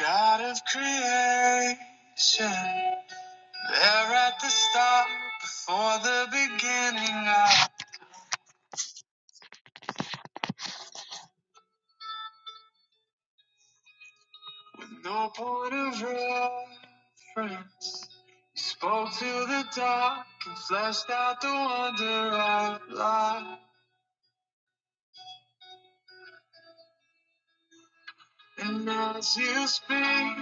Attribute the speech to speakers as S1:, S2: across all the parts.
S1: God of creation, there at the start, before the beginning, I, with no point of reference, you spoke to the dark and fleshed out the wonder of life. And as you speak,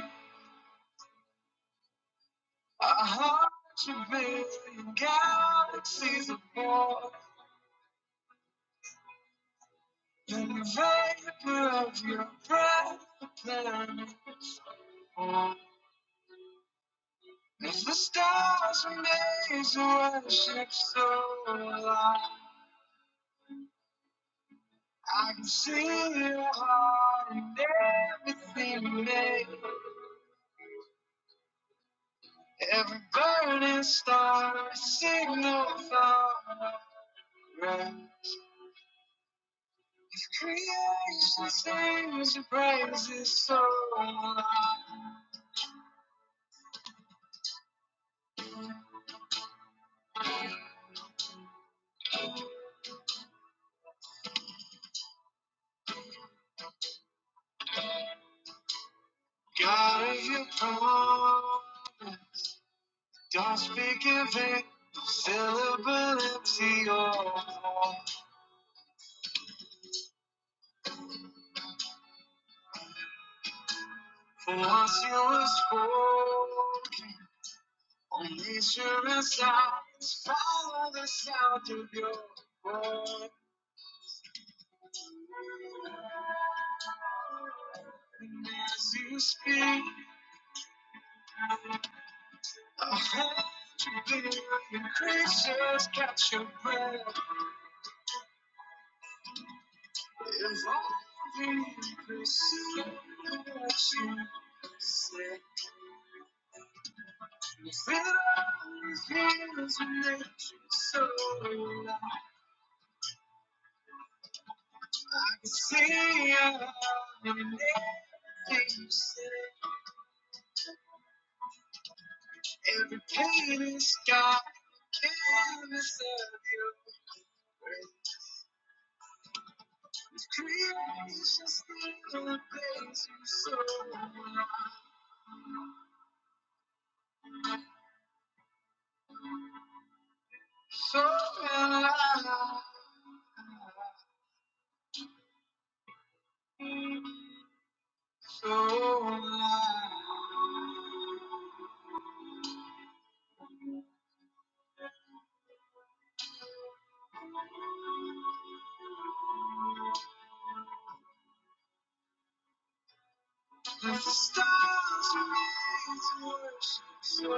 S1: our hearts are be galaxies of war, and the vapor of your breath, the planet. As the stars and the worship so alive, I can see your heart in everything you make. Every burning star, a signal for right. If creation sings your praises so alive, God of your throne, don't speak in vain, fill the empty or void. For once you was full, only sure is out. Follow the sound of your voice. And as you speak, I hope to be your creatures catch your breath. If only you could see what you said. If it always feels and makes you so alive. See ya. and everything you said, every pain is gone. the Canvas of your grace. Creation's still a place you so alive. So alive. So alive. As the stars remain to worship, so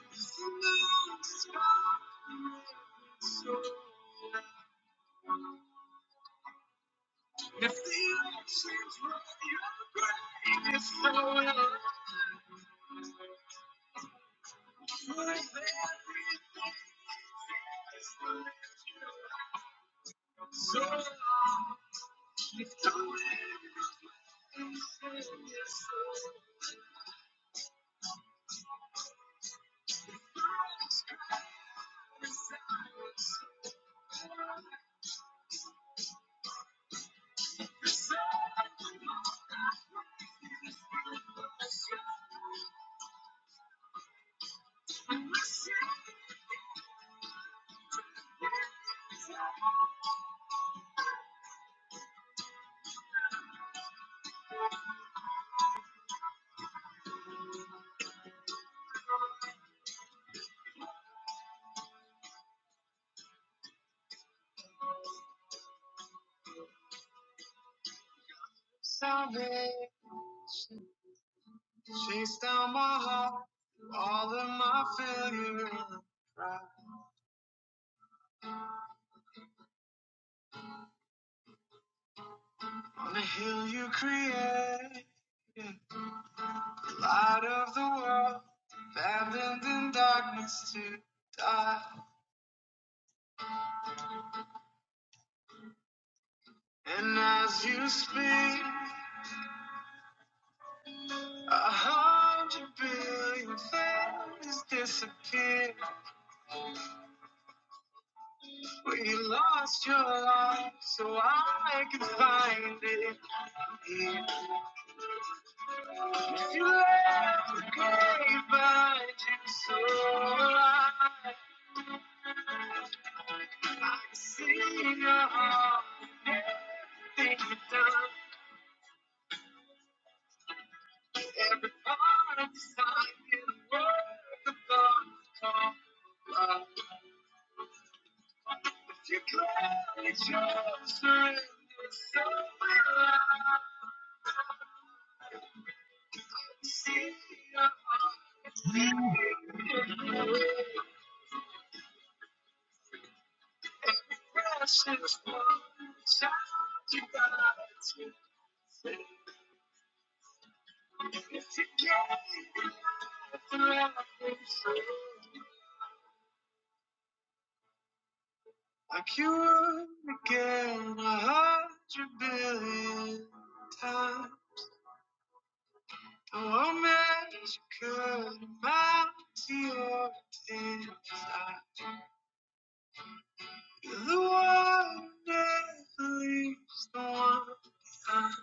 S1: as the mountains bow to reverence, so The feeling she brings is so, love, so salvation. Chase down my heart, through all of my failure and pride. On the hill you create, the light of the world, abandoned in darkness to die. And as you speak, a hundred billion things disappear. When you lost your love, so I can find it here. If you left the grave, but you're so alive. I can see your heart the thing you've done. Every part of the sign you work upon the call. Love. If you close your surrender, so will I see your heart. Like you would again a hundred billion times. Oh, a magic could amount to your desire. You're the one that leaves the one behind.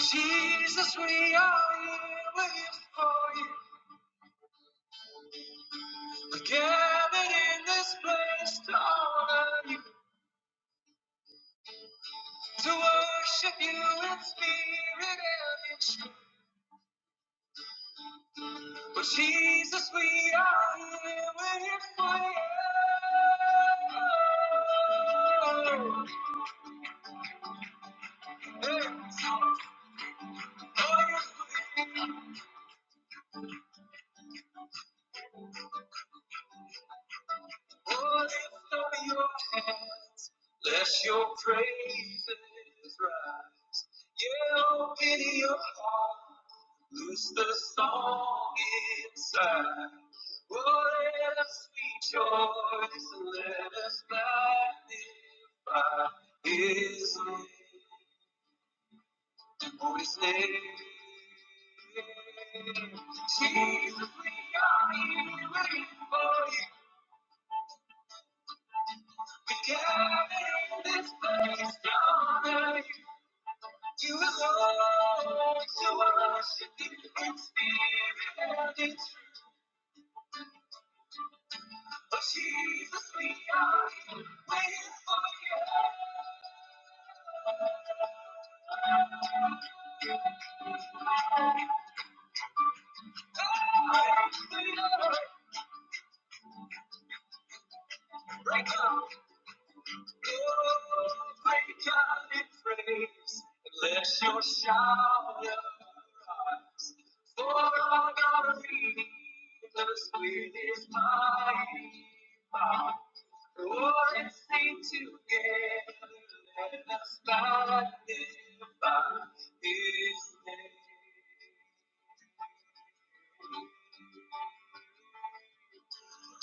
S1: Jesus, we are here waiting for you. Gathered in this place to honor you, to worship you in spirit and in truth. But Jesus, we are here waiting for you. Oh, lift up your hands, let your praises rise. Yeah, open your heart. Loose the song inside. Oh, let us rejoice and let us magnify His name. Oh, His name. Jesus, we are here waiting for you. We gather in this place to honor you. To adore, to worship you in spirit and in truth. Oh, Jesus, we are. Let your shout arise, for our God leaders with his mighty power. Lord, and sing together, let us magnify his name.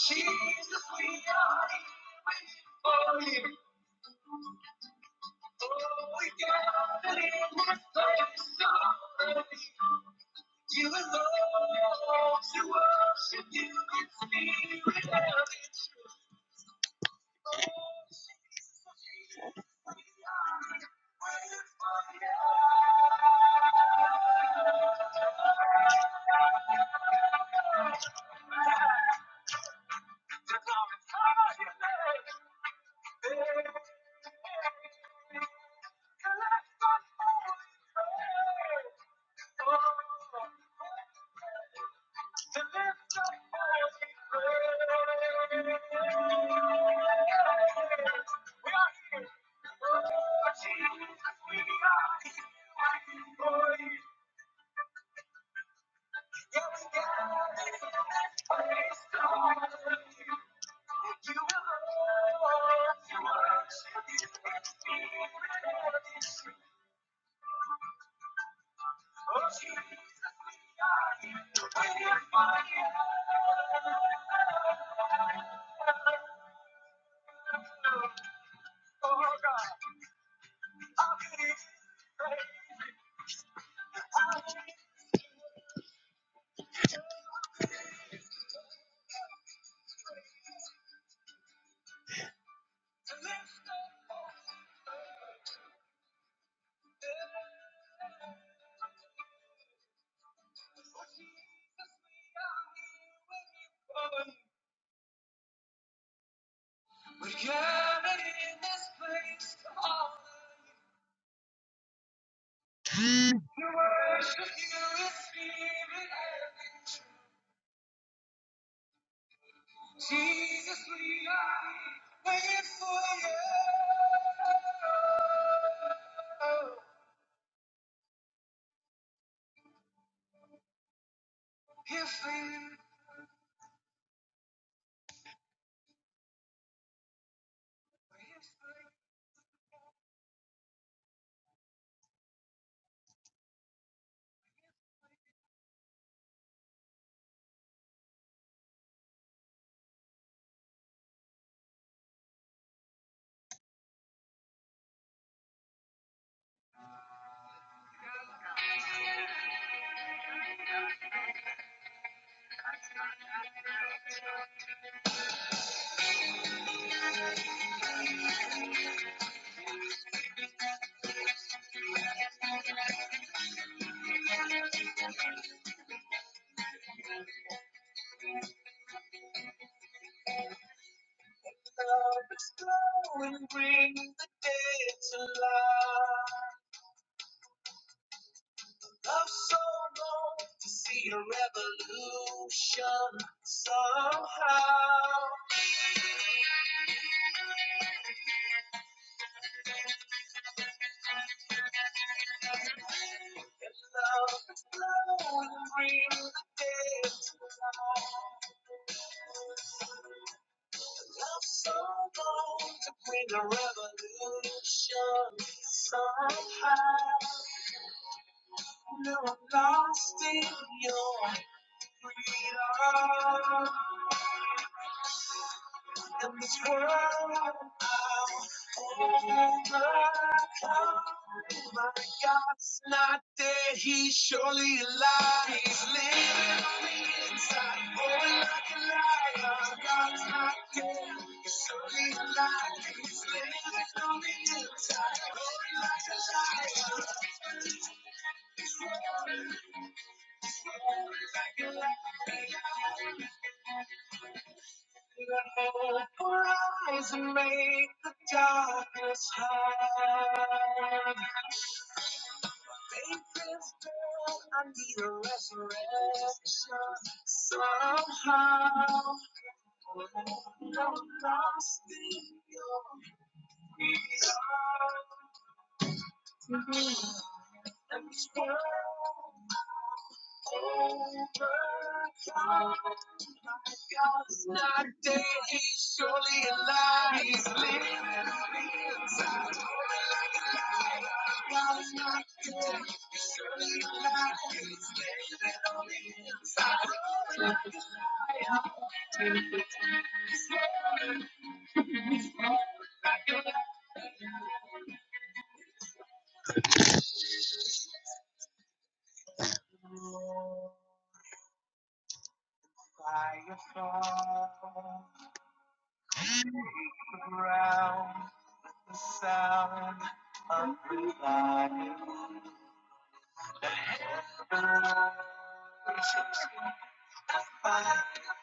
S1: Jesus, we are here for you. Oh, we got it in this place. You belong to us if you and me. We love each other, baby. So let's stop holding back. Oh, to lift up all these walls. We are here, but we are just boys. We gather in this place, God, to worship you in spirit and in truth. Jesus, we are waiting for you. If in love is glowing, bring the dead to life. Love so long to see a revolution somehow. If love is glowing, bring the dead to life. Love so long to bring a revolution. Somehow, now I'm lost in your freedom. In this world, I'll overcome. My God's not dead, He's surely alive. He's living on the inside, going like a lion. My God's not dead, He's surely alive. Let hope eyes and make the darkness hide. Faith is dead, I need a resurrection somehow. No, lost in your freedom and this world overcome. My God's not dead, He's surely alive. He's living inside. I'm not the one who's dying to survive.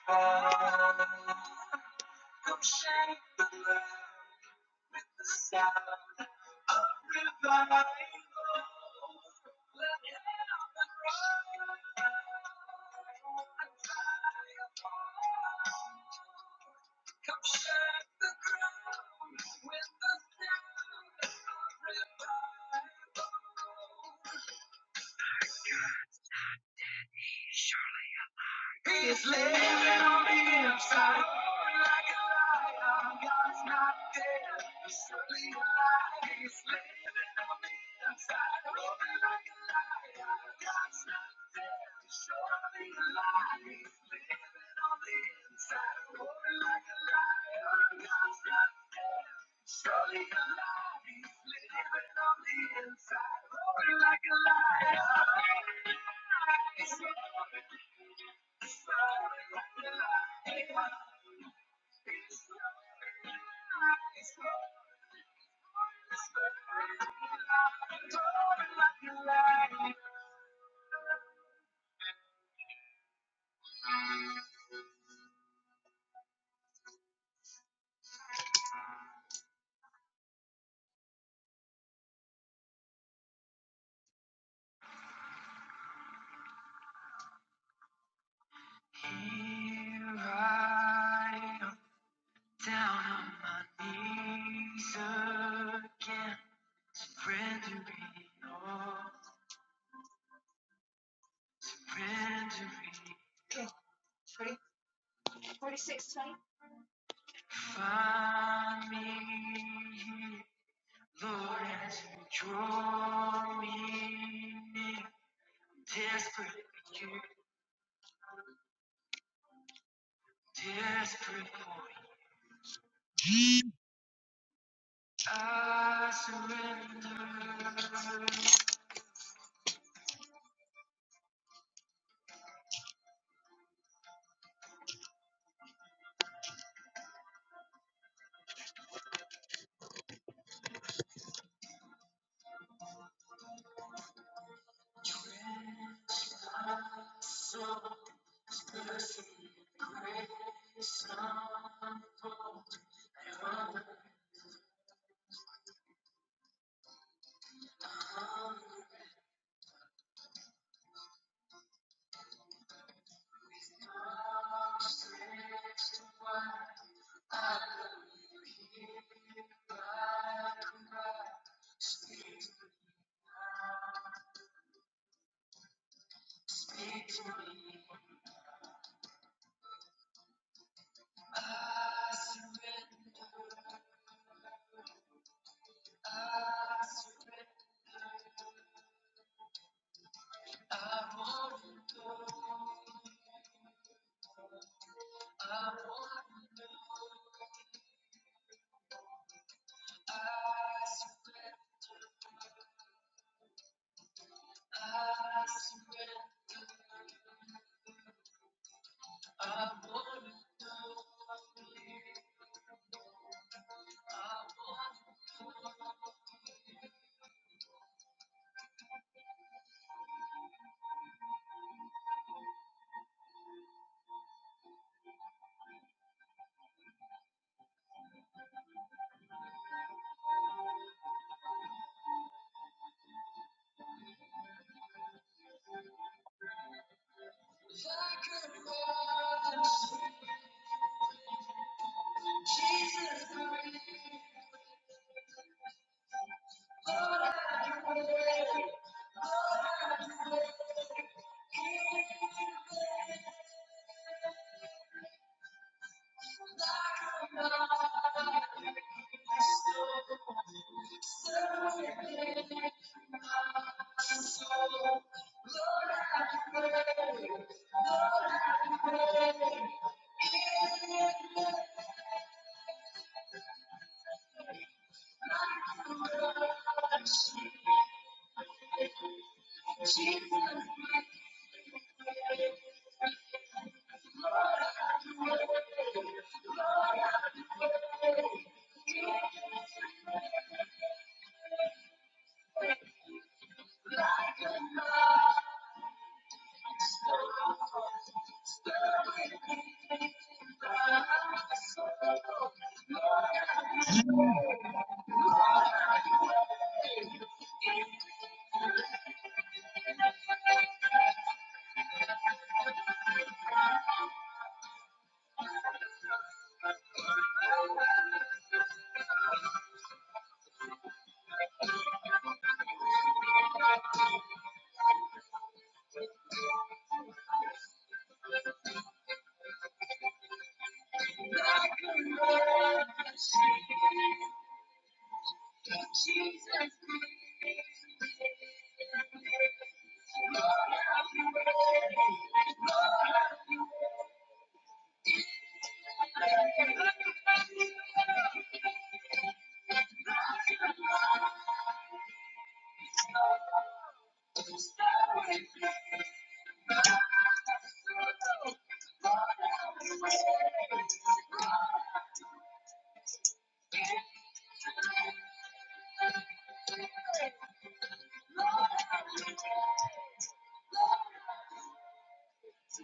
S1: Come shake the ground with the sound of revival. Let heaven rise. I die a fire. Come shake the ground with the sound of revival. Here I am down on my knees again. Friendery, oh, friendery. Find me here, Lord, as you draw me near. Desperate for you, desperate for you. I surrender. Victory, I surrender. I surrender.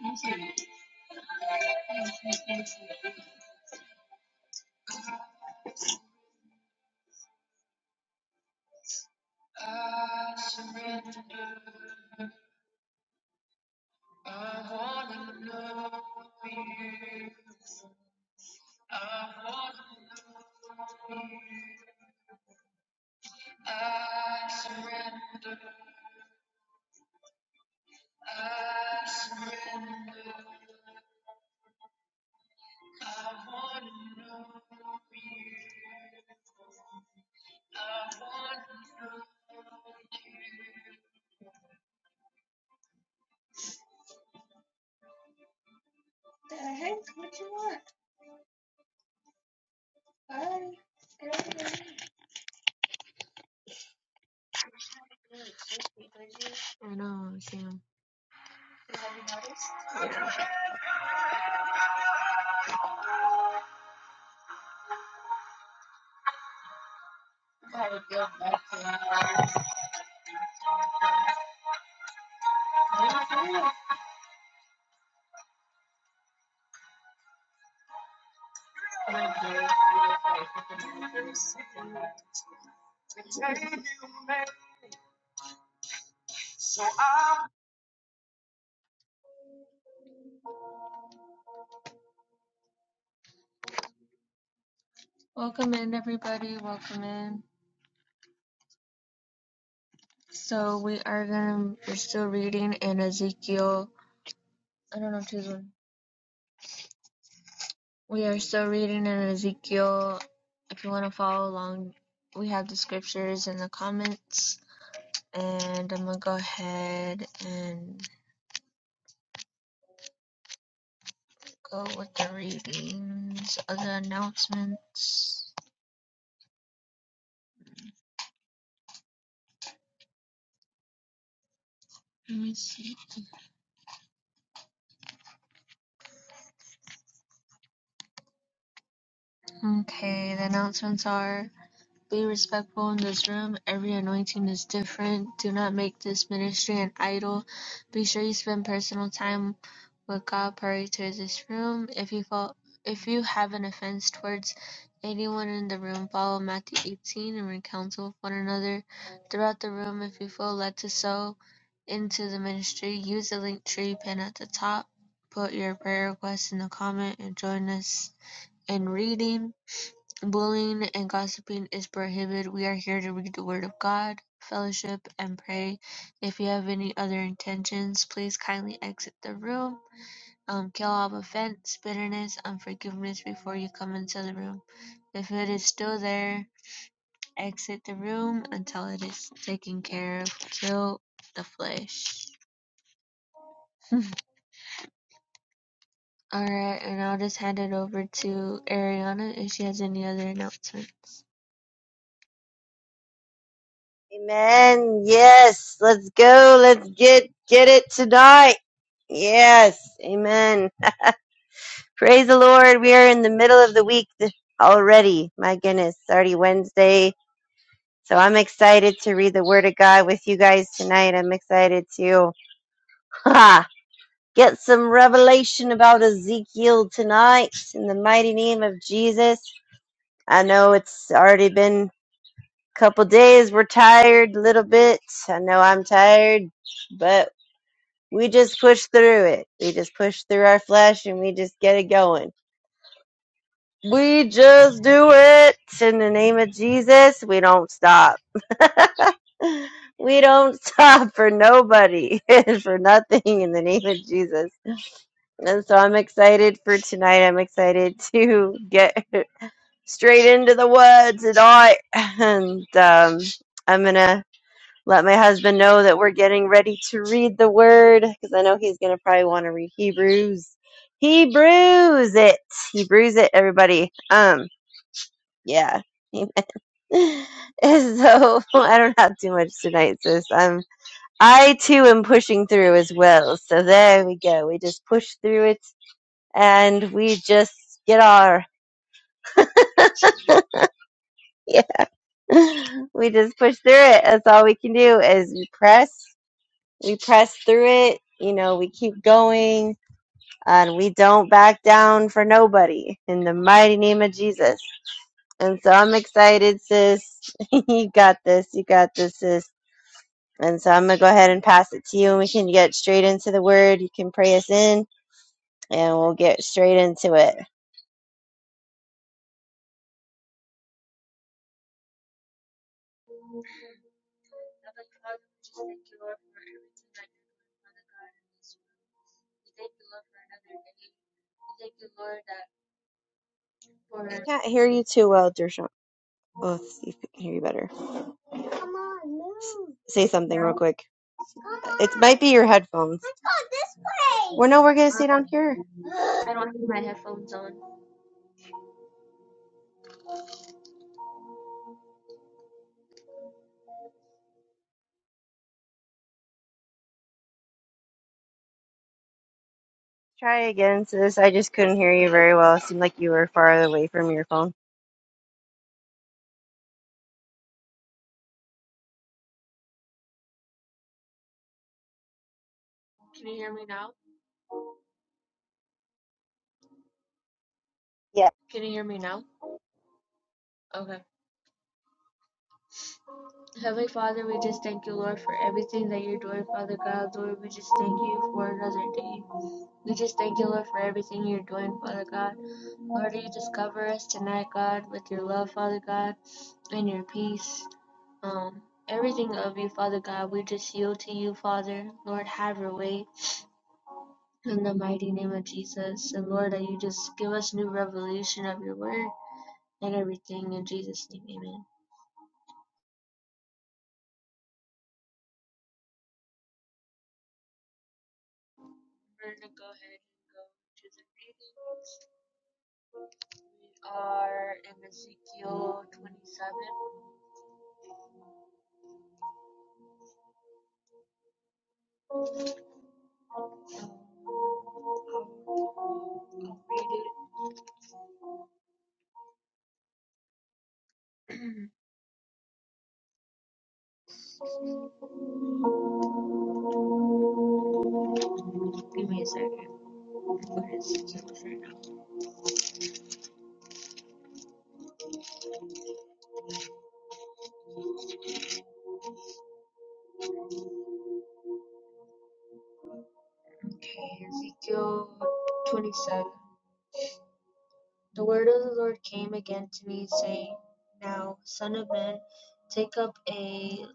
S1: I surrender. The heck? What you want? I Welcome in, everybody. Welcome in. So we are gonna. We're still reading in Ezekiel. I don't know choose one. We are still reading in Ezekiel. If you want to follow along, we have the scriptures in the comments. And I'm gonna go ahead and go with the readings of the announcements. Let me see. Okay, the announcements are. Be respectful in this room. Every anointing is different. Do not make this ministry an idol. Be sure you spend personal time with God prior to this room. If you fall, if you have an offense towards anyone in the room, follow Matthew 18 and recounsel with one another throughout the room. If you feel led to sow into the ministry, use the link tree pin at the top. Put your prayer request in the comment and join us in reading. Bullying and gossiping is prohibited. We are here to read the Word of God, fellowship, and pray. If you have any other intentions, please kindly exit the room. Um, kill all offense, bitterness, unforgiveness before you come into the room. If it is still there, exit the room until it is taken care of. Kill the flesh. Alright, and I'll just hand it over to Ariana if she has any other announcement.
S2: Amen. Yes. Let's go. Let's get get it tonight. Yes. Amen. Praise the Lord. We are in the middle of the week th- already. My goodness. It's already Wednesday. So I'm excited to read the Word of God with you guys tonight. I'm excited to ha, get some revelation about Ezekiel tonight in the mighty name of Jesus. I know it's already been a couple days. We're tired a little bit. I know I'm tired. but We just push through it. We just push through our flesh and we just get it going. We just do it in the name of Jesus. We don't stop. we don't stop for nobody and for nothing in the name of Jesus. And so I'm excited for tonight. I'm excited to get straight into the word tonight. And um, I'm gonna Let my husband know that we're getting ready to read the word because I know he's going to probably want to read Hebrews. Hebrews it. Hebrews it, everybody. Um, yeah. Amen. And so I don't have too much tonight, sis. Um, I too am pushing through as well. So there we go. We just push through it, and we just get our yeah. We just push through it. That's all we can do is press we press through it. You know, we keep going and we don't back down for nobody in the mighty name of Jesus. And so I'm excited, sis. you got this. You got this, sis. And so I'm going to go ahead and pass it to you and we can get straight into the word. You can pray us in and we'll get straight into it.
S1: Thank you, Lord, that for.
S2: Can't hear you too well, Dershawn. Oh, let's see if we can hear you better. Say something real quick. It might be your headphones. Well, no, we're going to stay down here. Try again, sis. I just couldn't hear you very well. It seemed like you were far away from your phone.
S1: Can you hear me now?
S2: Yeah.
S1: Can you hear me now? Okay. Heavenly Father, we just thank you, Lord, for everything that you're doing, Father God. Lord, we just thank you for another day. We just thank you, Lord, for everything you're doing, Father God. Lord, you just cover us tonight, God, with your love, Father God, and your peace. Um, everything of you, Father God, we just yield to you, Father. Lord, have your way. In the mighty name of Jesus. And Lord, that you just give us new revelation of your word and everything. In Jesus' name, amen. We're gonna go ahead and go to the readings. We Are in Ezekiel 27. I'll, I'll read it. Give me a second. What is Ezekiel right now? Okay, Ezekiel 27. The word of the Lord came again to me, saying, Now, son of man, take up a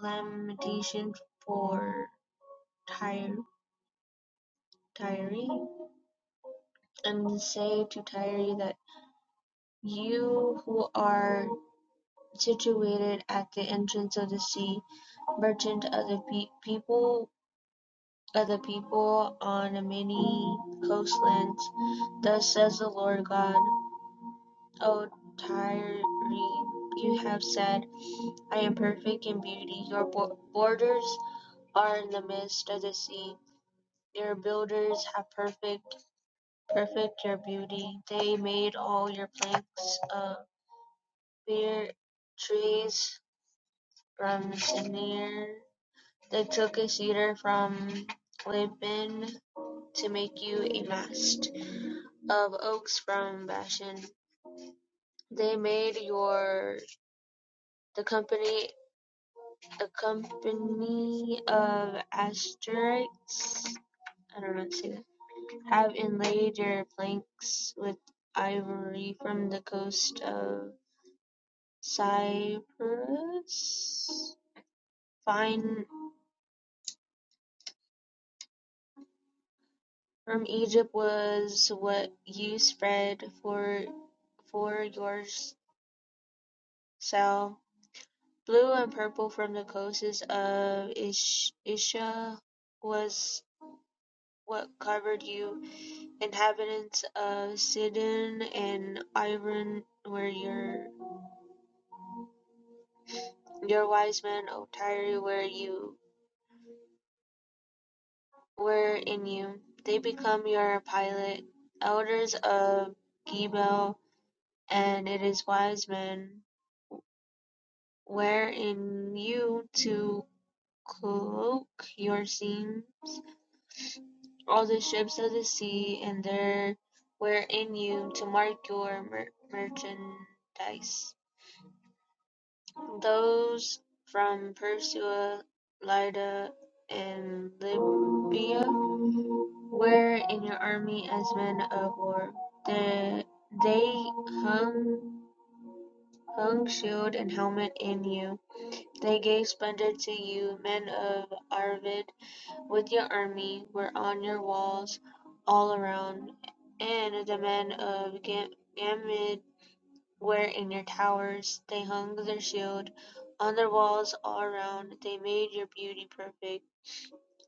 S1: lamentation for Tyre, Tyre, and say to Tyre that you who are Situated at the entrance of the sea, merchant other pe- people other people on many coastlands. Thus says the Lord God, O Tyre, you have said, I am perfect in beauty. Your bo- borders are in the midst of the sea. Your builders have perfect, perfect your beauty. They made all your planks of fir trees from Sinir They took a cedar from Lebanon to make you a mast, of oaks from Bashan. They made your the company a company of Ashterites I don't know how to say that have inlaid your planks with ivory from the coast of Cyprus. Fine from Egypt was what you spread for for yours. So, blue and purple from the coasts of Ischia was what covered you; inhabitants of Sidon and Iran were your your wise men; O Tyre were you were in you; they become your pilot; elders of Gebel and its wise men were in you to cloak your scenes. All the ships of the sea and there were in you to mark your mer- merchandise. Those from Persia, Lydda, and Libya were in your army as men of war. The, they hung, hung shield and helmet in you. They gave splendor to you, men of Arvid. With your army, were on your walls all around, and the men of Gam- Gamid were in your towers. They hung their shield on their walls all around. They made your beauty perfect.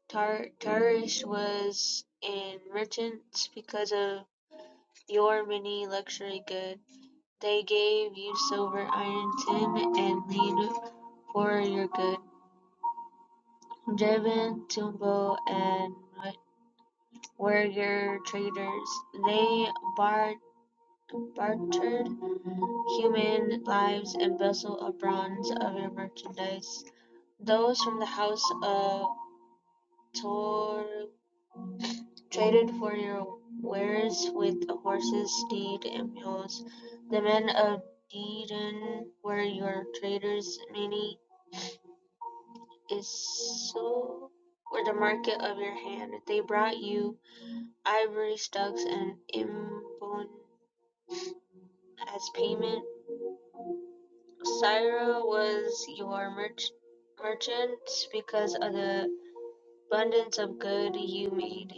S1: Tar- Tarish was enriched because of your many luxury goods. They gave you silver, iron, tin, and lead for your good. Jabin, Tumbo, and were their traders. They bar- bartered human lives and vessels of bronze of other merchandise. Those from the house of Tor traded for your wares with horses, steed, and mules. The men of Dedan were your traders. Many is so were the market of your hand. They brought you ivory stocks and imbon as payment Syra was your merch- merchant because of the abundance of good you made.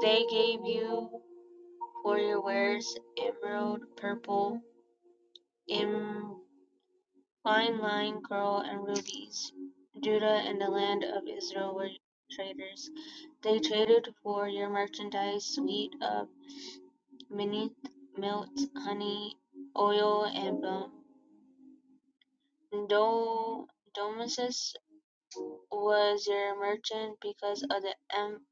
S1: They gave you for your wares emerald, purple, em- fine line, coral, and rubies. Judah and the land of Israel were traders. They traded for your merchandise, sweet of mineth, milk, honey, oil, and bone. Do- Domices was your merchant because of the am-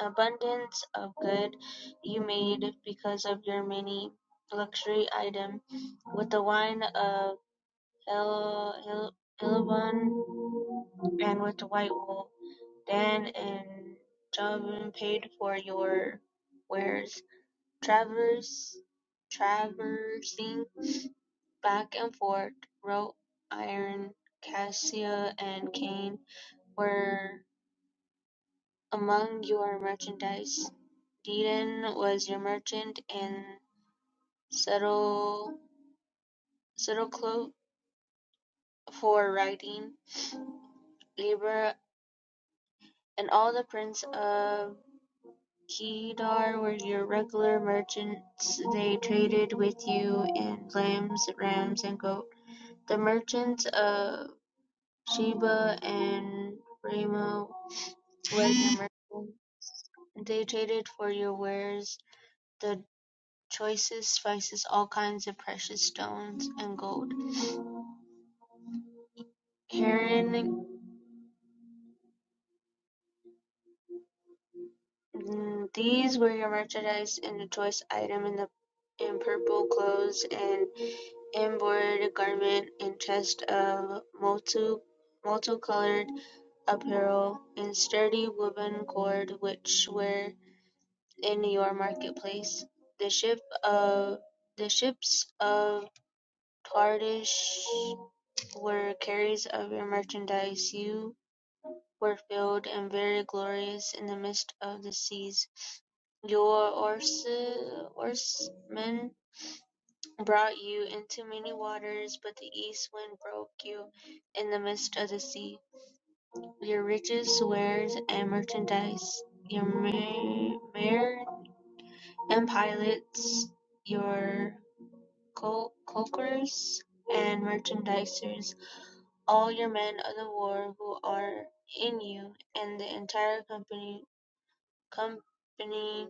S1: abundance of good you made because of your many luxury item with the wine of Hel- Hel- Helbon and with the white wool. Dan and Jabin paid for your wares. Travers, traversing back and forth, wrought iron, cassia, and cane were Among your merchandise, Dedan was your merchant, and Satroclo for writing, Libra and all the prince of Kedar were your regular merchants. They traded with you in lambs, rams, and goat. The merchants of Sheba and Ramah were your merchants. They traded for your wares. The Choices spices, all kinds of precious stones, and gold. Herein these were your merchandise and a choice item in the in purple clothes and embroidered garment and chest of multi multicolored apparel and sturdy woven cord which were in your marketplace. The ship of the ships of Tardish were carriers of your merchandise. You were filled and very glorious in the midst of the seas. Your oarsmen brought you into many waters, but the east wind broke you in the midst of the sea. Your riches, wares, and merchandise, your ma- mare and pilots, your cul- culkers and merchandisers, all your men of the war who are in you, and the entire company company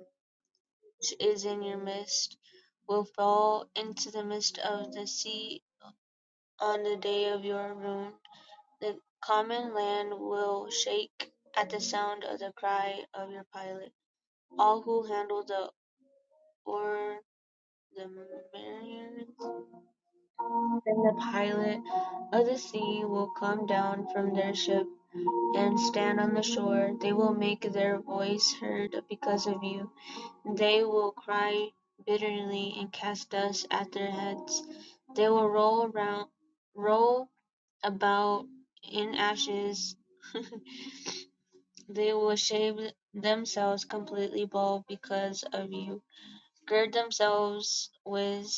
S1: which is in your midst, will fall into the midst of the sea on the day of your ruin. The common land will shake at the sound of the cry of your pilot. All who handle the oar, the mariners, and the pilot of the sea will come down from their ship and stand on the shore. They will make their voice heard because of you. They will cry bitterly and cast dust at their heads. They will roll around, roll about in ashes. They will shave themselves completely bald because of you. Gird themselves with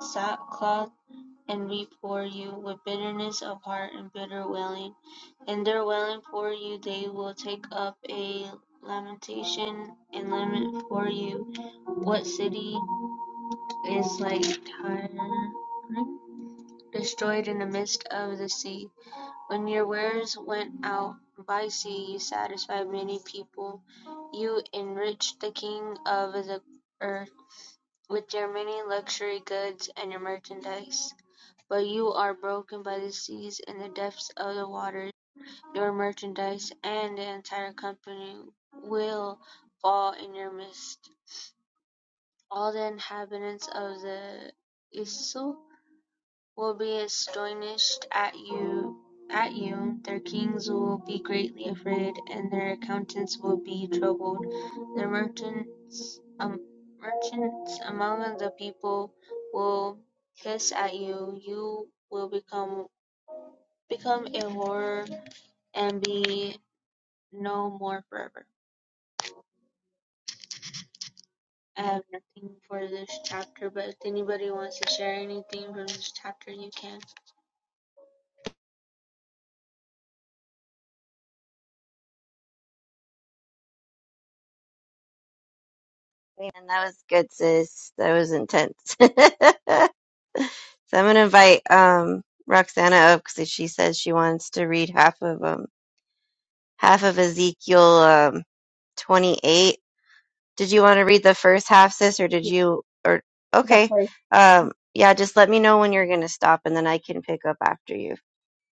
S1: sackcloth and weep for you with bitterness of heart and bitter wailing. In their wailing for you, they will take up a lamentation and lament for you. What city? is like time destroyed in the midst of the sea. When your wares went out by sea, you satisfied many people. You enriched the king of the earth with your many luxury goods and your merchandise. But you are broken by the seas and the depths of the waters. Your merchandise and the entire company will fall in your midst. All the inhabitants of the Isle will be astonished at you at you, their kings will be greatly afraid, and their accountants will be troubled. The merchants um, merchants among the people will hiss at you, you will become become a horror and be no more forever. I have nothing for this chapter, but if anybody wants to share anything from this chapter, you can.
S2: And that was good, sis. That was intense. so I'm gonna invite um Roxana up because she says she wants to read half of um half of Ezekiel um 28. Did you want to read the first half, sis, or did
S3: Yeah,
S2: you or
S3: the
S2: okay?
S3: first.
S2: Um, yeah, just let me know when you're gonna stop, and then I can pick up after you.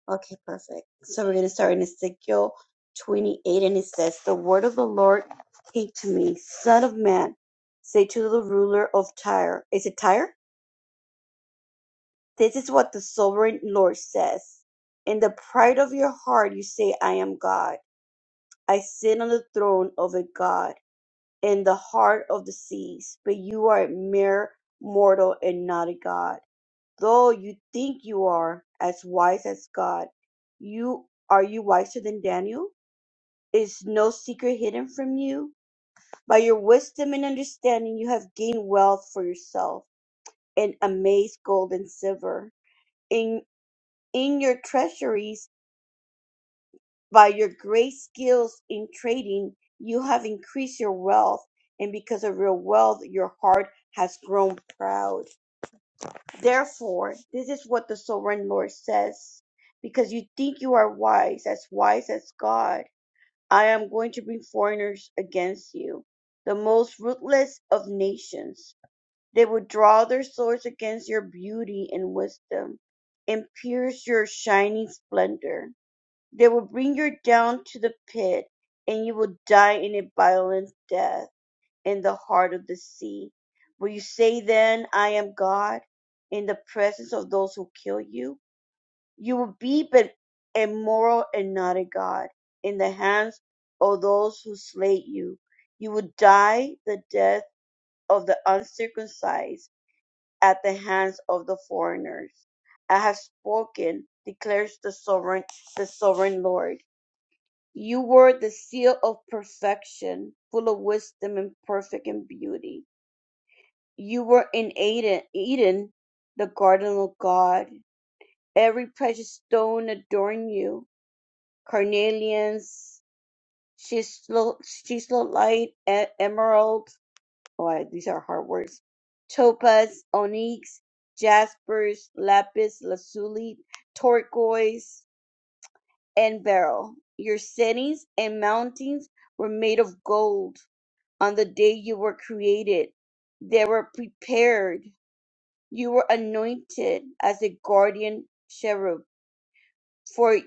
S3: Okay, perfect. So we're going to start in Ezekiel 28, and it says, The word of the Lord came to me, Son of man, say to the ruler of Tyre. Is it Tyre? This is what the sovereign Lord says. In the pride of your heart, you say, I am God. I sit on the throne of a God in the heart of the seas, but you are a mere mortal and not a God. though you think you are as wise as God, you are you wiser than Daniel? Is no secret hidden from you? By your wisdom and understanding, you have gained wealth for yourself and amazed gold and silver in in your treasuries. By your great skills in trading, you have increased your wealth, and because of your wealth, your heart has grown proud. Therefore, this is what the sovereign Lord says. Because you think you are wise, as wise as God, I am going to bring foreigners against you, the most ruthless of nations. They will draw their swords against your beauty and wisdom and pierce your shining splendor. They will bring you down to the pit, and you will die in a violent death in the heart of the sea. Will you say then, I am God, in the presence of those who kill you? You will be but immoral and not a God in the hands of those who slay you. You will die the death of the uncircumcised at the hands of the foreigners. I have spoken, declares the sovereign, the sovereign Lord. You were the seal of perfection, full of wisdom and perfect in beauty. You were in Eden, Eden, the garden of God. Every precious stone adorned you. Carnelians, chisolite, e- emerald. Oh, I- these are hard words. Topaz, onyx, jaspers, lapis lazuli, turquoise, and beryl. Your cities and mountains were made of gold. On the day you were created, they were prepared You were anointed as a guardian cherub, for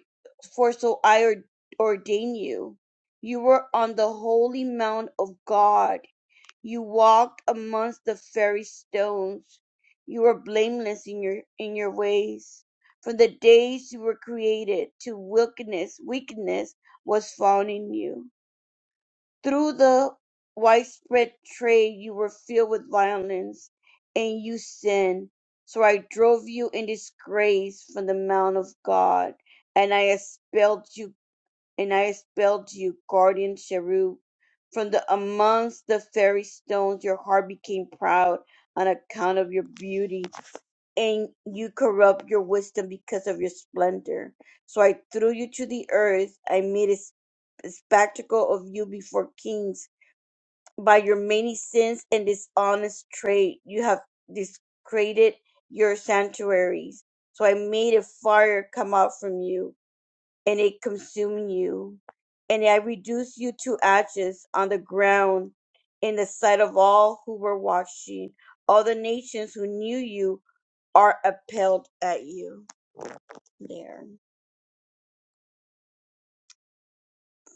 S3: for so I or- ordain you. You were on the holy mount of God. You walked amongst the fairy stones. You were blameless in your in your ways. From the days you were created to wickedness, weakness was found in you. Through the widespread trade you were filled with violence and you sinned. So I drove you in disgrace from the mount of God, and I expelled you and I expelled you, guardian cherub, from the amongst the fairy stones your heart became proud on account of your beauty, and you corrupt your wisdom because of your splendor. So I threw you to the earth, I made a spectacle of you before kings by your many sins and dishonest trade you have discreated your sanctuaries. So I made a fire come out from you, and it consumed you, and I reduced you to ashes on the ground in the sight of all who were watching. All the nations who knew you are appalled at you. There.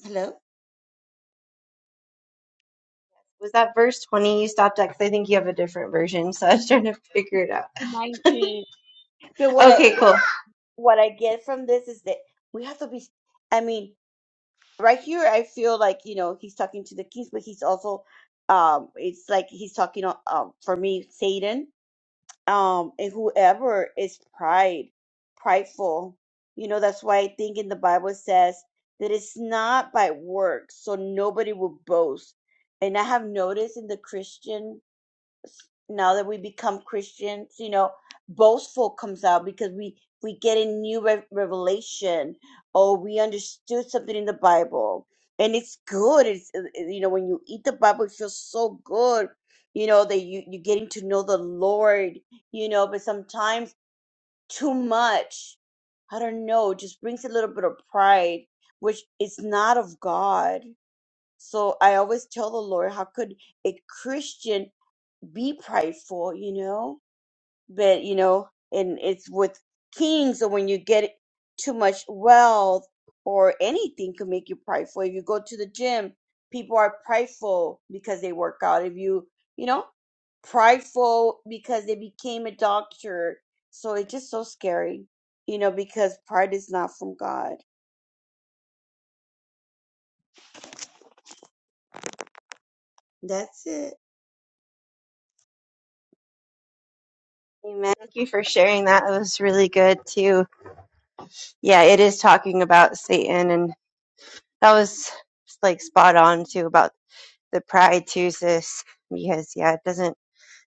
S3: Hello?
S2: Was that verse 20 you stopped at? Because I think you have a different version, so I was trying to figure it out.
S3: Nineteen. But what I
S2: Okay,
S3: what
S2: cool.
S3: I, what I get from this is that we have to be I mean right here i feel like you know he's talking to the kings but he's also um it's like he's talking uh, um for me satan um and whoever is pride prideful you know that's why i think in the bible it says that it's not by works so nobody will boast and i have noticed in the christian now that we become Christians, you know, boastful comes out because we we get a new re- revelation or we understood something in the Bible, and it's good. It's uh, uh, you know when you eat the Bible, it feels so good. You know that you you're getting to know the Lord. You know, but sometimes too much, I don't know, it just brings a little bit of pride, which is not of God. So I always tell the Lord, how could a Christian be prideful, you know, but you know, and it's with kings, and when you get too much wealth or anything can make you prideful. If you go to the gym, people are prideful because they work out. If you, you know, prideful because they became a doctor. So it's just so scary, you know, because pride is not from God. That's it.
S2: Amen. Thank you for sharing that. It was really good too. Yeah, it is talking about Satan, and that was like spot on too about the pride too, sis. Because yeah, it doesn't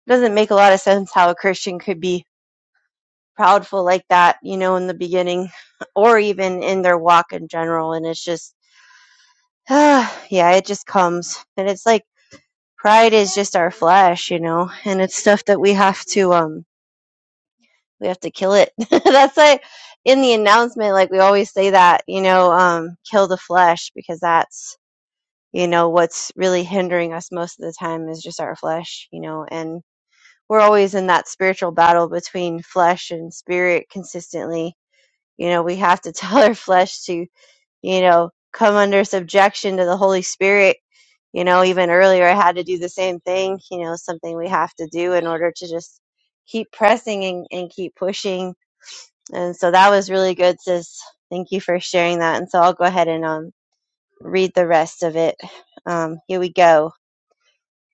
S2: doesn't make a lot of sense how a Christian could be proudful like that, you know, in the beginning, or even in their walk in general. And it's just, yeah, it just comes, and it's like pride is just our flesh, you know, and it's stuff that we have to um we have to kill it. That's why in the announcement, like we always say that, you know, um, kill the flesh because that's, you know, what's really hindering us most of the time is just our flesh, you know, and we're always in that spiritual battle between flesh and spirit consistently. You know, we have to tell our flesh to, you know, come under subjection to the Holy Spirit. You know, even earlier I had to do the same thing, you know, something we have to do in order to just keep pressing and, and keep pushing and so that was really good, sis. Thank you for sharing that. And so I'll go ahead and um, read the rest of it. Um, here we go.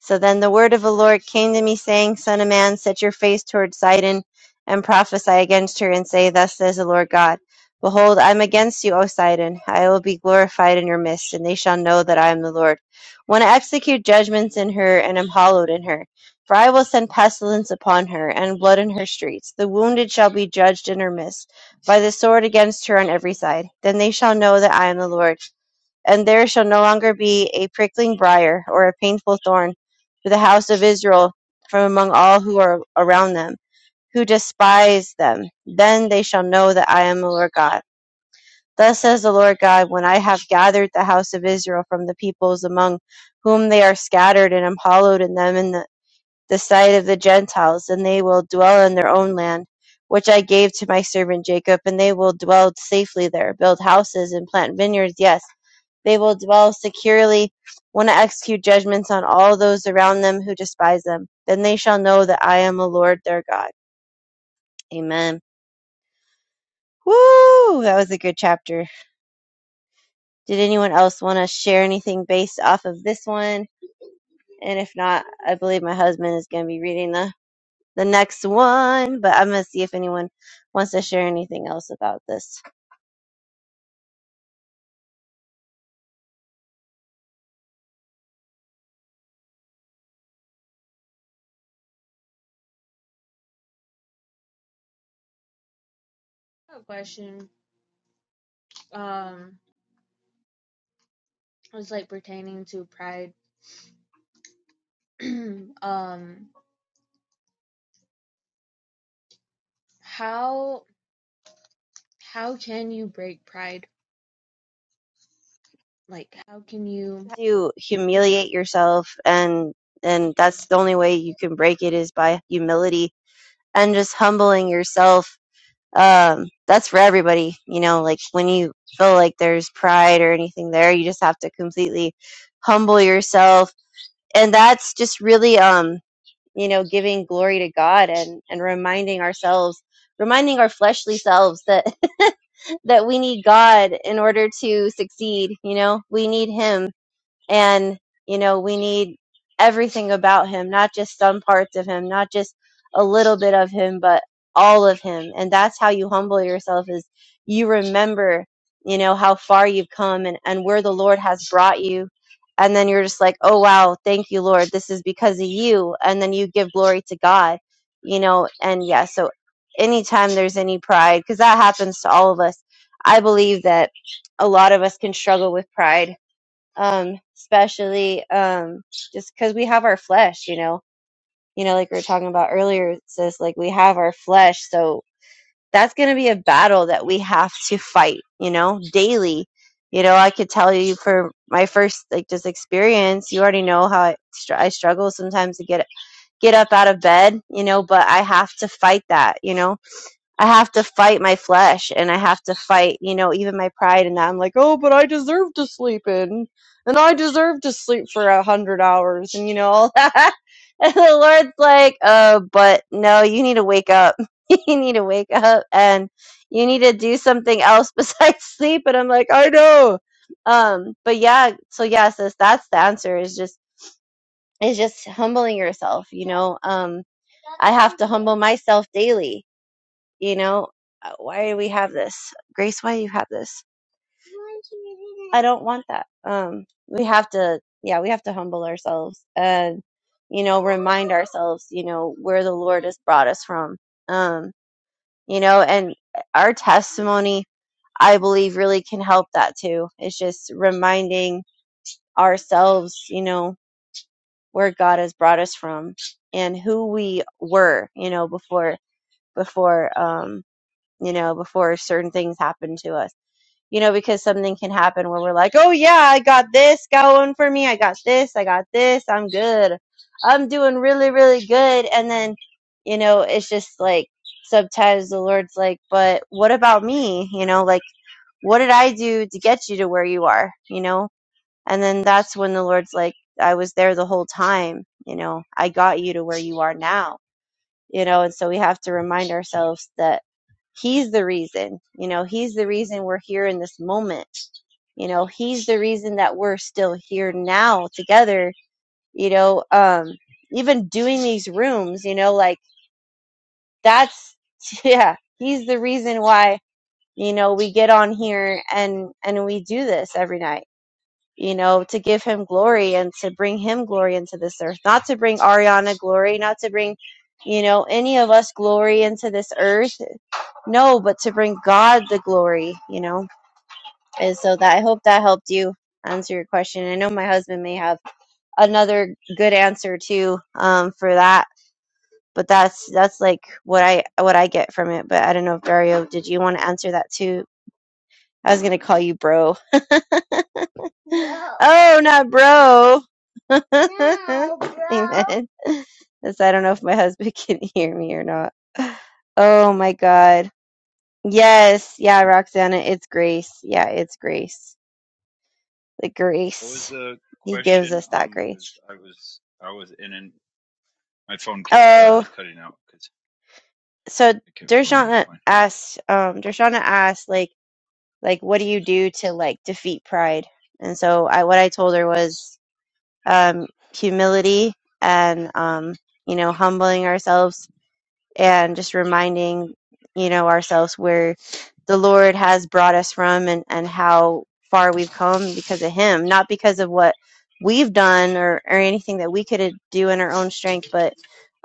S2: So then the word of the Lord came to me, saying, Son of man, set your face toward Sidon, and prophesy against her, and say, Thus says the Lord God. Behold, I am against you, O Sidon. I will be glorified in your midst, and they shall know that I am the Lord. When I execute judgments in her, and am hallowed in her, for I will send pestilence upon her, and blood in her streets. The wounded shall be judged in her midst, by the sword against her on every side. Then they shall know that I am the Lord and there shall no longer be a prickling briar or a painful thorn for the house of Israel from among all who are around them, who despise them. Then they shall know that I am the Lord God. Thus says the Lord God, when I have gathered the house of Israel from the peoples among whom they are scattered, and am hallowed in them in the, the sight of the Gentiles, and they will dwell in their own land, which I gave to my servant Jacob, and they will dwell safely there, build houses and plant vineyards, yes they will dwell securely when I execute judgments on all those around them who despise them. Then they shall know that I am the Lord their God. Amen. Woo! That was a good chapter. Did anyone else want to share anything based off of this one? And if not, I believe my husband is going to be reading the, the next one, but I'm going to see if anyone wants to share anything else about this.
S1: I have a question. Um, it was like pertaining to pride um how how can you break pride? Like how can you
S2: You humiliate yourself and and that's the only way you can break it is by humility and just humbling yourself um, that's for everybody. You know, like when you feel like there's pride or anything there, you just have to completely humble yourself. And that's just really, um, you know, giving glory to God and, and reminding ourselves, reminding our fleshly selves that that we need God in order to succeed. You know, we need Him and, you know, we need everything about him, not just some parts of him, not just a little bit of him, but all of him. And that's how you humble yourself is you remember, you know, how far you've come and, and where the Lord has brought you. And then you're just like, oh, wow, thank you, Lord. This is because of you. And then you give glory to God, you know, and yeah, so anytime there's any pride, because that happens to all of us, I believe that a lot of us can struggle with pride um, especially um, just because we have our flesh, you know, you know, like we were talking about earlier, sis, like we have our flesh, so that's going to be a battle that we have to fight, you know, daily. You know, I could tell you for my first like just experience, you already know how I, str- I struggle sometimes to get get up out of bed, you know, but I have to fight that, you know. I have to fight my flesh and I have to fight, you know, even my pride and that I'm like, oh, but I deserve it. and you know all that. And the Lord's like, uh, but no, you need to wake up. you need to wake up and you need to do something else besides sleep. And I'm like, I know. Um, but yeah, so yeah, sis, that's the answer is just is just humbling yourself, you know. Um I have to humble myself daily, you know. Uh, Why do we have this? Grace, why do you have this? I don't want that. Um, we have to, yeah, we have to humble ourselves and, you know, remind ourselves, you know, where the Lord has brought us from. Um, you know, and our testimony, I believe, really can help that too. It's just reminding ourselves, you know, where God has brought us from and who we were, you know, before, before, um, you know, before certain things happened to us you know, because something can happen where we're like, oh yeah, I got this going for me. I got this. I got this. I'm good. I'm doing really, really good. And then, you know, it's just like sometimes the Lord's like, but what about me? You know, like, what did I do to get you to where you are? You know? And then that's when the Lord's like, I was there the whole time. You know, I got you to where you are now you know and so we have to remind ourselves that he's the reason you know he's the reason we're here in this moment you know he's the reason that we're still here now together you know um even doing these rooms you know like that's yeah he's the reason why you know we get on here and and we do this every night you know, to give him glory and to bring him glory into this earth, not to bring Ariana glory, not to bring, you know, any of us glory into this earth. No, but to bring God the glory, you know. And so that I hope that helped you answer your question. I know my husband may have another good answer too um, for that, but that's that's like what I what I get from it. But I don't know if Dario, did you want to answer that too? I was gonna call you bro. Oh, not bro. No, bro. Amen. Yes, I don't know if my husband can hear me or not. Oh my God. Yes. Yeah, Roxana, it's grace. Yeah, it's grace. The
S4: What was
S2: grace.
S4: the
S2: He gives
S4: question?
S2: us that
S4: Um, because
S2: grace.
S4: I was I was in and my phone kept uh,
S2: Oh,
S4: cutting out because
S2: so
S4: it kept going
S2: Dershana
S4: offline.
S2: asked, um, Dershana asked, like, like, what do you do to like defeat pride? And so I, what I told her was, um, humility and, um, you know, humbling ourselves and just reminding you know ourselves where the lord has brought us from and and how far we've come because of him not because of what we've done or or anything that we could do in our own strength but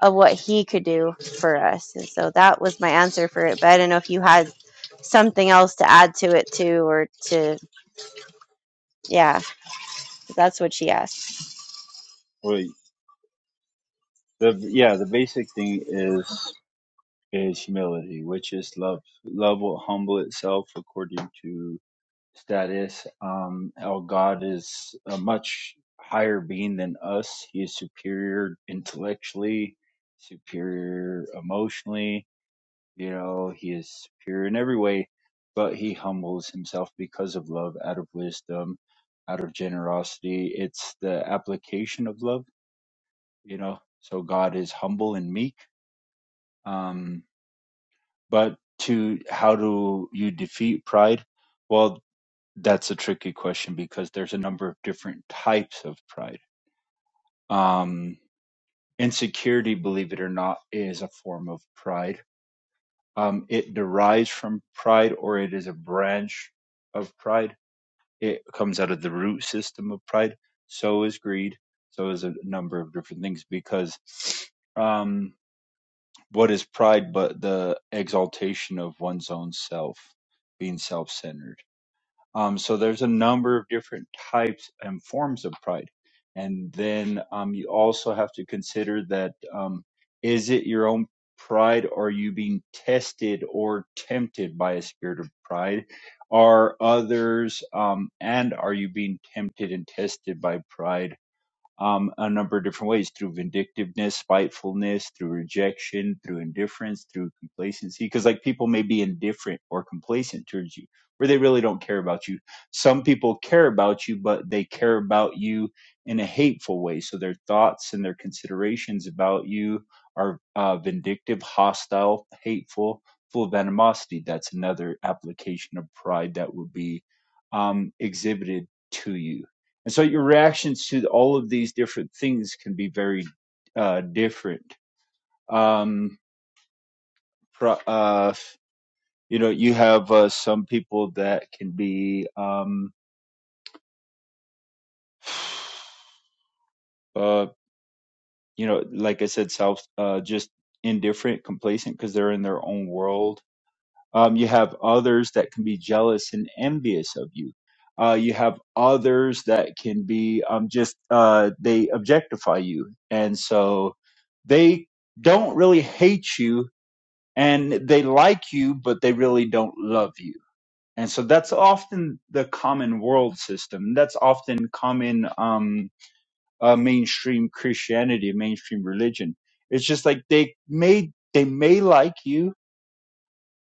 S2: of what he could do for us and so that was my answer for it but i don't know if you had something else to add to it too or to yeah 'cause that's what she asked
S4: Wait, the yeah, the basic thing is is humility, which is love. Love will humble itself according to status. Um, our God is a much higher being than us. He is superior intellectually, superior emotionally, You know, he is pure in every way, but he humbles himself because of love, out of wisdom, out of generosity. It's the application of love, you know. So God is humble and meek. Um, but to how do you defeat pride? Well, that's a tricky question because there's a number of different types of pride. Um, insecurity, believe it or not, is a form of pride Um, it derives from pride or it is a branch of pride. It comes out of the root system of pride. So is greed. So is a number of different things because um, what is pride but the exaltation of one's own self, being self centered? Um, so there's a number of different types and forms of pride. And then um, you also have to consider that um, is it your own pride? Are you being tested or tempted by a spirit of pride? Are others, um, and are you being tempted and tested by pride? um, a number of different ways through vindictiveness, spitefulness, through rejection, through indifference, through complacency. Because like people may be indifferent or complacent towards you, where they really don't care about you. Some people care about you, but they care about you in a hateful way. So their thoughts and their considerations about you are uh, vindictive, hostile, hateful, full of animosity. That's another application of pride that would be um, exhibited to you and so your reactions to all of these different things can be very uh, different. Um, uh, you know, you have uh, some people that can be, um, uh, you know, like I said, self, uh, just indifferent, complacent because they're in their own world Um, you have others that can be jealous and envious of you. Uh, you have others that can be um, just uh, they objectify you, and so they don't really hate you and they like you, but they really don't love you. And so that's often the common world system. That's often common um, uh, mainstream Christianity, mainstream religion. It's just like they may they may like you,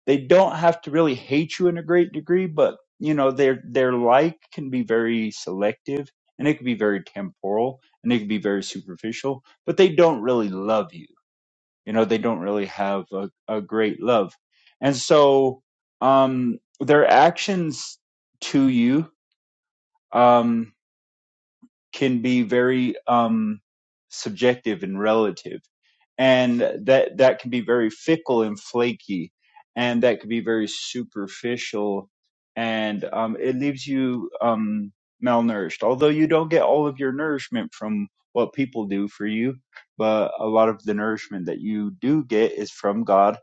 S4: they don't have to really hate you in a great degree, but you know their their like can be very selective and it can be very temporal and it can be very superficial, but they don't really love you. You know, they don't really have a, a great love. And so um their actions to you um can be very um, subjective and relative, and that that can be very fickle and flaky, and that can be very superficial, and um, it leaves you um, malnourished. Although you don't get all of your nourishment from what people do for you, but a lot of the nourishment that you do get is from God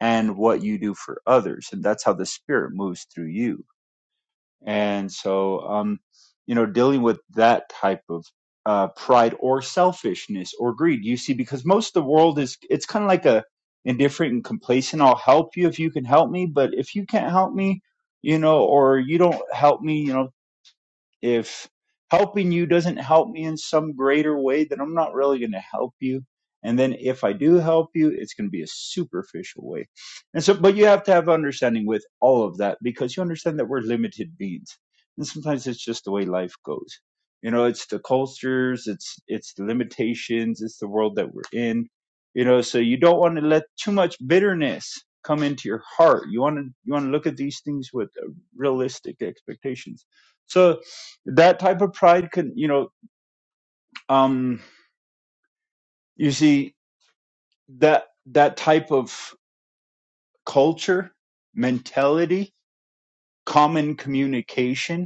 S4: and what you do for others, and that's how the Spirit moves through you and so, um, you know, dealing with that type of uh, pride or selfishness or greed, you see, because most of the world is, it's kind of like a indifferent and complacent. I'll help you if you can help me, but if you can't help me, you know, or you don't help me, you know, if helping you doesn't help me in some greater way, then I'm not really going to help you. And then if I do help you, it's going to be a superficial way. And so, but you have to have understanding with all of that because you understand that we're limited beings. And sometimes it's just the way life goes. You know, it's the cultures, it's, it's the limitations, it's the world that we're in. You know, so you don't want to let too much bitterness come into your heart. You want to, you want to look at these things with uh, realistic expectations. So, that type of pride can you know um you see that that type of culture mentality common communication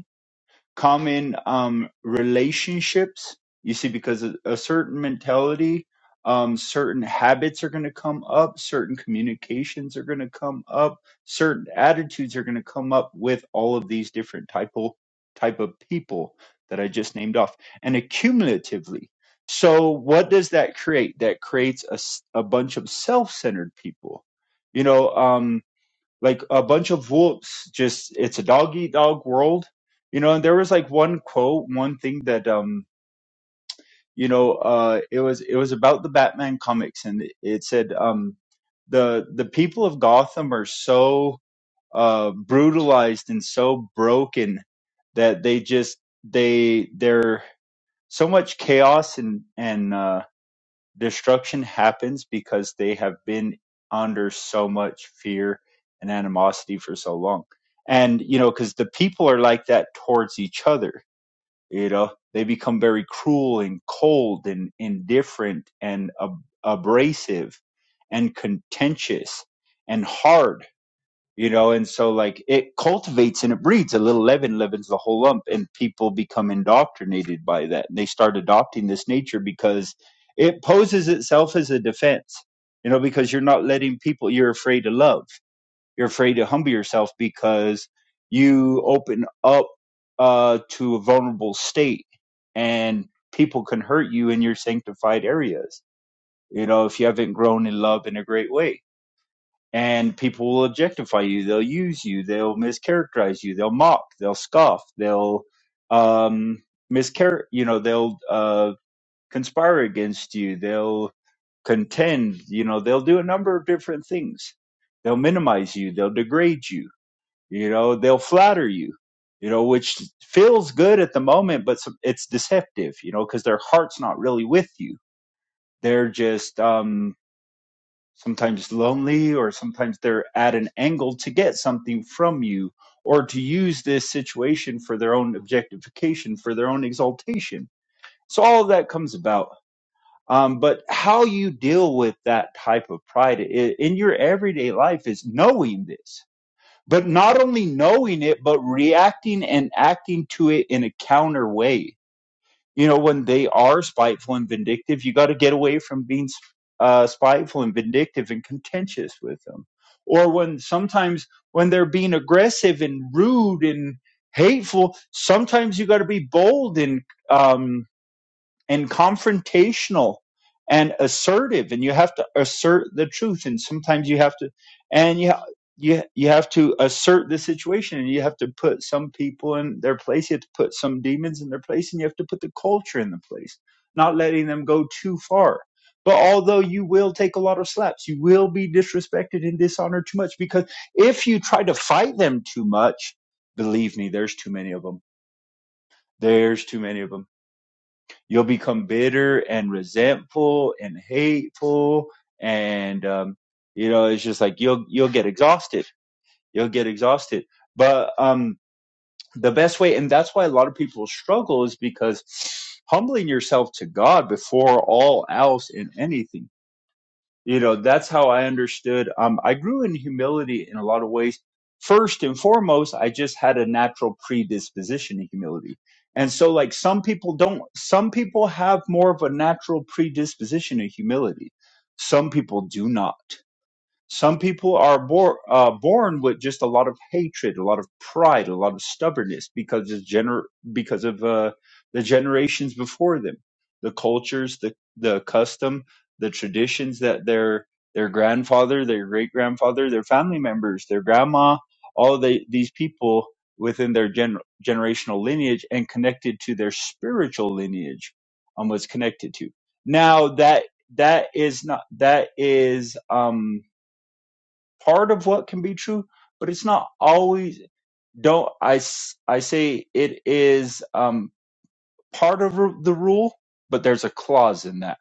S4: common um, relationships. You see, because a, a certain mentality, um, certain habits are going to come up, certain communications are going to come up, certain attitudes are going to come up with all of these different type of, type of people that I just named off, and accumulatively. So, what does that create? That creates a, s- a bunch of self-centered people. You know, um, like a bunch of wolves just it's a dog eat dog world you know and there was like one quote one thing that um you know uh it was it was about the batman comics and it, it said um the the people of gotham are so uh brutalized and so broken that they just they they're so much chaos and and uh destruction happens because they have been under so much fear and animosity for so long. And, you know, because the people are like that towards each other, you know, they become very cruel and cold and indifferent and ab- abrasive and contentious and hard you know and so like it cultivates and it breeds a little leaven leavens the whole lump and people become indoctrinated by that and they start adopting this nature because it poses itself as a defense you know because you're not letting people you're afraid to love you're afraid to humble yourself because you open up uh to a vulnerable state and people can hurt you in your sanctified areas you know if you haven't grown in love in a great way and people will objectify you. They'll use you. They'll mischaracterize you. They'll mock. They'll scoff. They'll um, mischar. You know, they'll uh, conspire against you. They'll contend. You know, they'll do a number of different things. They'll minimize you. They'll degrade you. You know, they'll flatter you. You know, which feels good at the moment, but some- it's deceptive. You know, because their heart's not really with you. They're just um, sometimes lonely, or sometimes they're at an angle to get something from you or to use this situation for their own objectification, for their own exaltation. So all of that comes about. Um, but how you deal with that type of pride i- in your everyday life is knowing this, but not only knowing it, but reacting and acting to it in a counter way you know when they are spiteful and vindictive you got to get away from being uh, spiteful and vindictive and contentious with them or when sometimes when they're being aggressive and rude and hateful sometimes you got to be bold and um, and confrontational and assertive and you have to assert the truth and sometimes you have to and you you you have to assert the situation and you have to put some people in their place you have to put some demons in their place and you have to put the culture in the place not letting them go too far but although you will take a lot of slaps you will be disrespected and dishonored too much because if you try to fight them too much believe me there's too many of them there's too many of them. You'll become bitter and resentful and hateful, and um, you know it's just like you'll you'll get exhausted. You'll get exhausted. But um, the best way, and that's why a lot of people struggle, is because humbling yourself to God before all else in anything you know that's how i understood um i grew in humility in a lot of ways first and foremost i just had a natural predisposition to humility and so like some people don't some people have more of a natural predisposition to humility some people do not some people are bor- uh, born with just a lot of hatred, a lot of pride, a lot of stubbornness because of gener- because of uh, the generations before them, the cultures, the the custom, the traditions that their their grandfather, their great grandfather, their family members, their grandma, all the, these people within their gen- generational lineage and connected to their spiritual lineage on what's connected to. Now that that is not that is um part of what can be true, but it's not always. Don't I? I? I say it is um, part of the rule, but there's a clause in that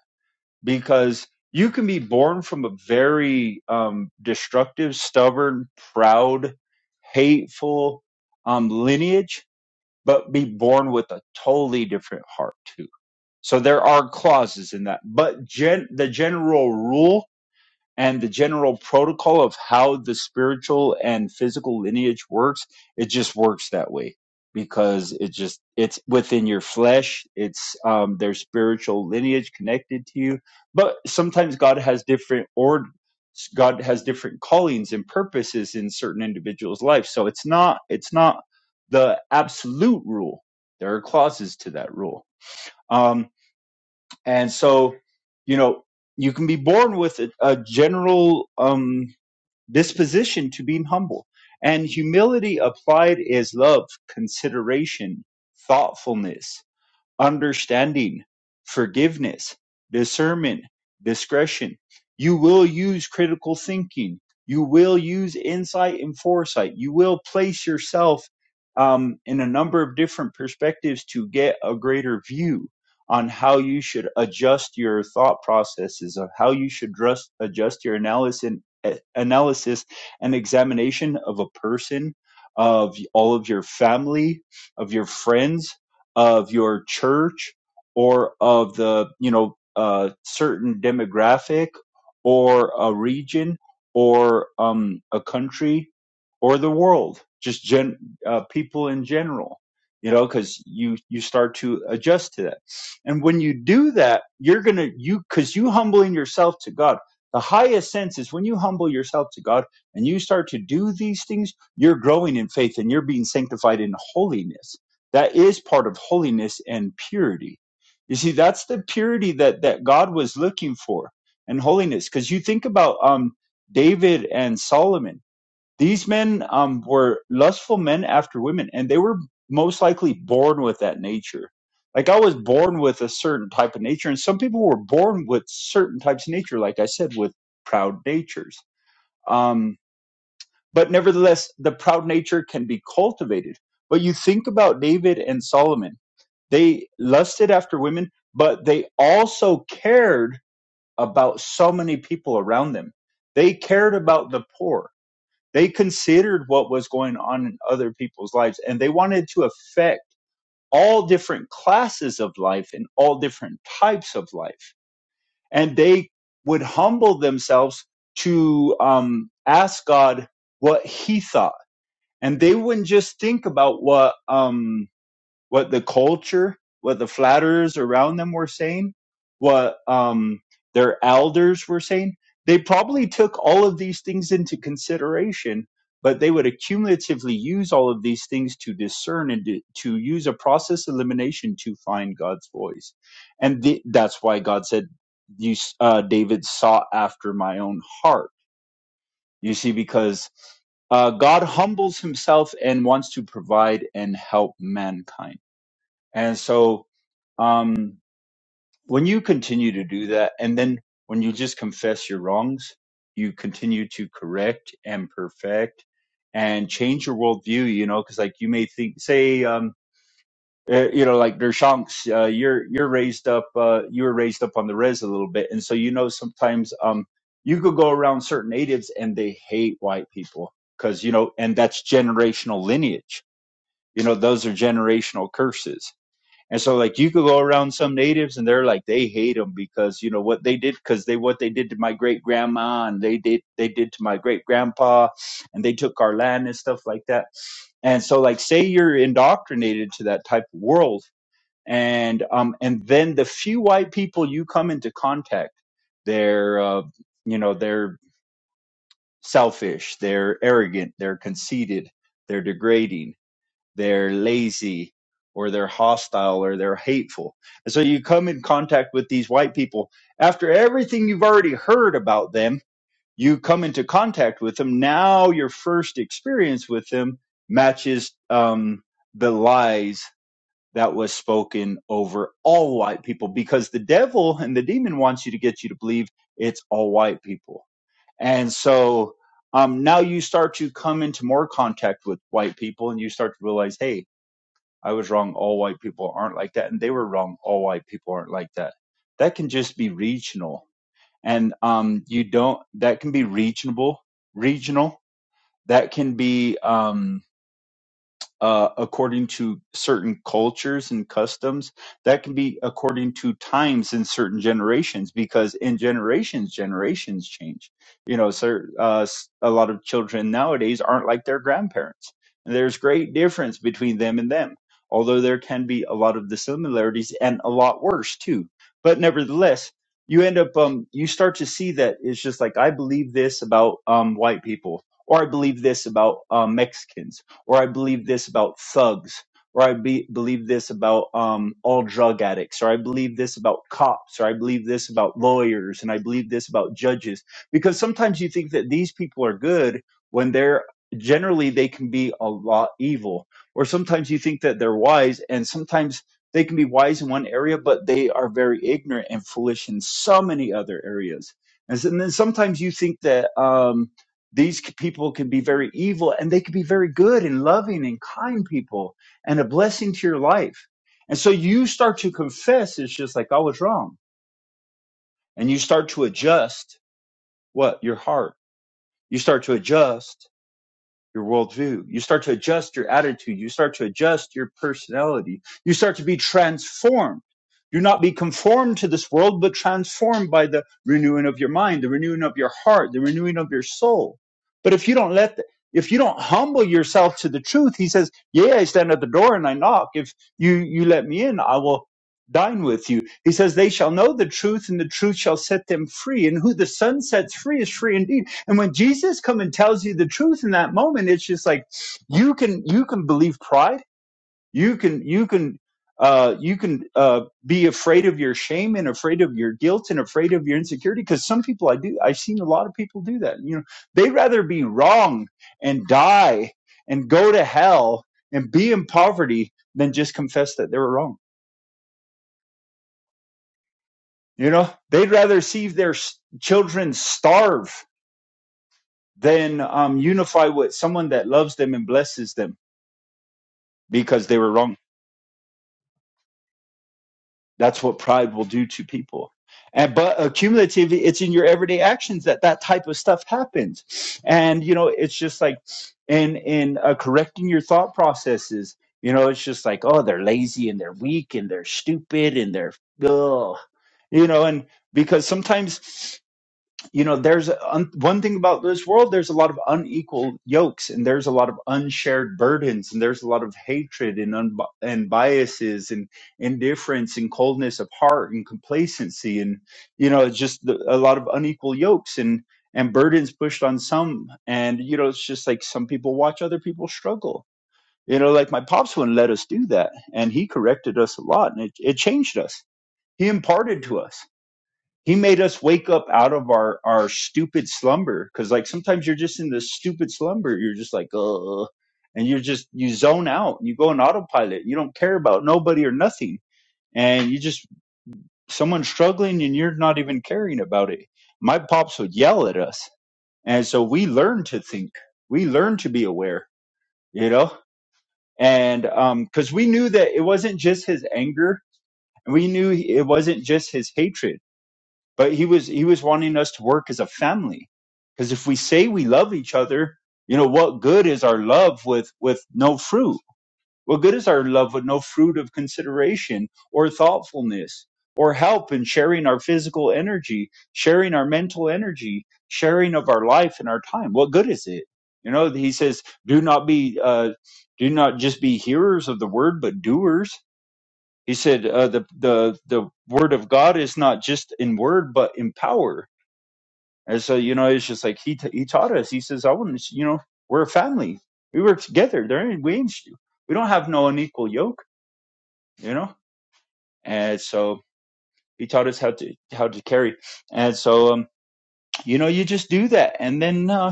S4: because you can be born from a very um, destructive, stubborn, proud, hateful um, lineage, but be born with a totally different heart too. So there are clauses in that, but gen- the general rule and the general protocol of how the spiritual and physical lineage works it just works that way because it just it's within your flesh it's um their spiritual lineage connected to you but sometimes god has different or god has different callings and purposes in certain individuals life so it's not it's not the absolute rule there are clauses to that rule Um, and so, you know, you can be born with a, a general um, disposition to being humble. And humility applied is love, consideration, thoughtfulness understanding, forgiveness, discernment, discretion. You will use critical thinking. You will use insight and foresight. You will place yourself um, in a number of different perspectives to get a greater view on how you should adjust your thought processes, of how you should dress, adjust your analysis, eh, analysis and examination of a person, of all of your family, of your friends of your church or of the you know uh, certain demographic or a region or um, a country or the world just gen uh, people in general you know because you you start to adjust to that and when you do that you're gonna you because you humbling yourself to god the highest sense is when you humble yourself to god and you start to do these things you're growing in faith and you're being sanctified in holiness that is part of holiness and purity you see that's the purity that that god was looking for and holiness because you think about um david and solomon these men um were lustful men after women and they were most likely born with that nature like i was born with a certain type of nature and some people were born with certain types of nature like i said with proud natures um but nevertheless the proud nature can be cultivated but you think about david and solomon they lusted after women, but they also cared about so many people around them. They cared about the poor. They considered what was going on in other people's lives and they wanted to affect all different classes of life and all different types of life. And they would humble themselves to um, ask God what he thought. And they wouldn't just think about what, um, what the culture, what the flatterers around them were saying, what um, their elders were saying. They probably took all of these things into consideration, but they would accumulatively use all of these things to discern and to, to use a process elimination to find God's voice. And the, that's why God said, you, uh, David sought after my own heart. You see, because uh, God humbles himself and wants to provide and help mankind and so um, when you continue to do that, and then when you just confess your wrongs, you continue to correct and perfect and change your worldview, you know, because like you may think, say, um, eh, you know, like Dershanks, uh, you're you're raised up, uh, you were raised up on the res a little bit, and so you know sometimes um, you could go around certain natives and they hate white people because you know, and that's generational lineage. You know, those are generational curses and so like you could go around some natives and they're like they hate them because you know what they did because they what they did to my great grandma and they did they did to my great grandpa and they took our land and stuff like that. And so like say you're indoctrinated to that type of world and um and then the few white people you come into contact they're uh, you know they're selfish, they're arrogant, they're conceited, they're degrading they're lazy or they're hostile or they're hateful. And so you come in contact with these white people after everything you've already heard about them, you come into contact with them. Now your first experience with them matches um, the lies that was spoken over all white people because the devil and the demon wants you to get you to believe it's all white people. And so um, now you start to come into more contact with white people and you start to realize, hey, I was wrong. All white people aren't like that. And they were wrong. All white people aren't like that. That can just be regional. And um, you don't, that can be regional, regional. That can be, um, uh, according to certain cultures and customs. That can be according to times in certain generations, because in generations, generations change. You know, so, uh, s- a lot of children nowadays aren't like their grandparents. There's great difference between them and them, although there can be a lot of the similarities and a lot worse too. But nevertheless, you end up um you start to see that it's just like I believe this about um white people or I believe this about um Mexicans or I believe this about thugs, or I be, believe this about um, all drug addicts, or I believe this about cops, or I believe this about lawyers, and I believe this about judges. Because sometimes you think that these people are good when they're generally they can be a lot evil, or sometimes you think that they're wise, and sometimes they can be wise in one area, but they are very ignorant and foolish in so many other areas. And then sometimes you think that. Um, these people can be very evil and they can be very good and loving and kind people and a blessing to your life. And so you start to confess it's just like I was wrong and you start to adjust what your heart. You start to adjust your worldview. You start to adjust your attitude. You start to adjust your personality. You start to be transformed. Do not be conformed to this world, but transformed by the renewing of your mind, the renewing of your heart, the renewing of your soul. But if you don't let, the, if you don't humble yourself to the truth, he says, "Yeah, I stand at the door and I knock. If you you let me in, I will dine with you." He says, "They shall know the truth, and the truth shall set them free. And who the Son sets free is free indeed." And when Jesus comes and tells you the truth in that moment, it's just like you can you can believe pride. You can you can uh, you can uh, be afraid of your shame and afraid of your guilt and afraid of your insecurity. Because some people I do I've seen a lot of people do that. You know, they would rather be wrong and die and go to hell and be in poverty than just confess that they were wrong. You know, they'd rather see their s- children starve than um, unify with someone that loves them and blesses them because they were wrong. That's what pride will do to people. And but accumulatively, it's in your everyday actions that that type of stuff happens. And you know, it's just like in in uh, correcting your thought processes. You know, it's just like oh, they're lazy and they're weak and they're stupid and they're ugh. you know, and because sometimes. you know there's a- un, one thing about this world there's a lot of unequal yokes and there's a lot of unshared burdens and there's a lot of hatred and unbi and biases and indifference and coldness of heart and complacency and you know just the, a lot of unequal yokes and and burdens pushed on some and you know it's just like some people watch other people struggle you know like my pops wouldn't let us do that and he corrected us a lot and it, it changed us he imparted to us he made us wake up out of our our stupid slumber because like sometimes you're just in this stupid slumber. You're just like uh, and you're just you zone out. You go on autopilot. You don't care about nobody or nothing, and you just someone's struggling and you're not even caring about it. My pops would yell at us, and so we learned to think. We learned to be aware. You know. And um, because we knew that it wasn't just his anger, we knew it wasn't just his hatred but he was he was wanting us to work as a family because if we say we love each other you know what good is our love with with no fruit what good is our love with no fruit of consideration or thoughtfulness or help in sharing our physical energy sharing our mental energy sharing of our life and our time what good is it you know he says do not be uh do not just be hearers of the word but doers he said uh, the the the word of God is not just in word but in power. And so you know, it's just like he t- he taught us. He says, "I want to, you know, we're a family. We work together. There ain't we ain't we don't have no unequal yoke, you know." And so he taught us how to how to carry. And so um, you know, you just do that, and then uh,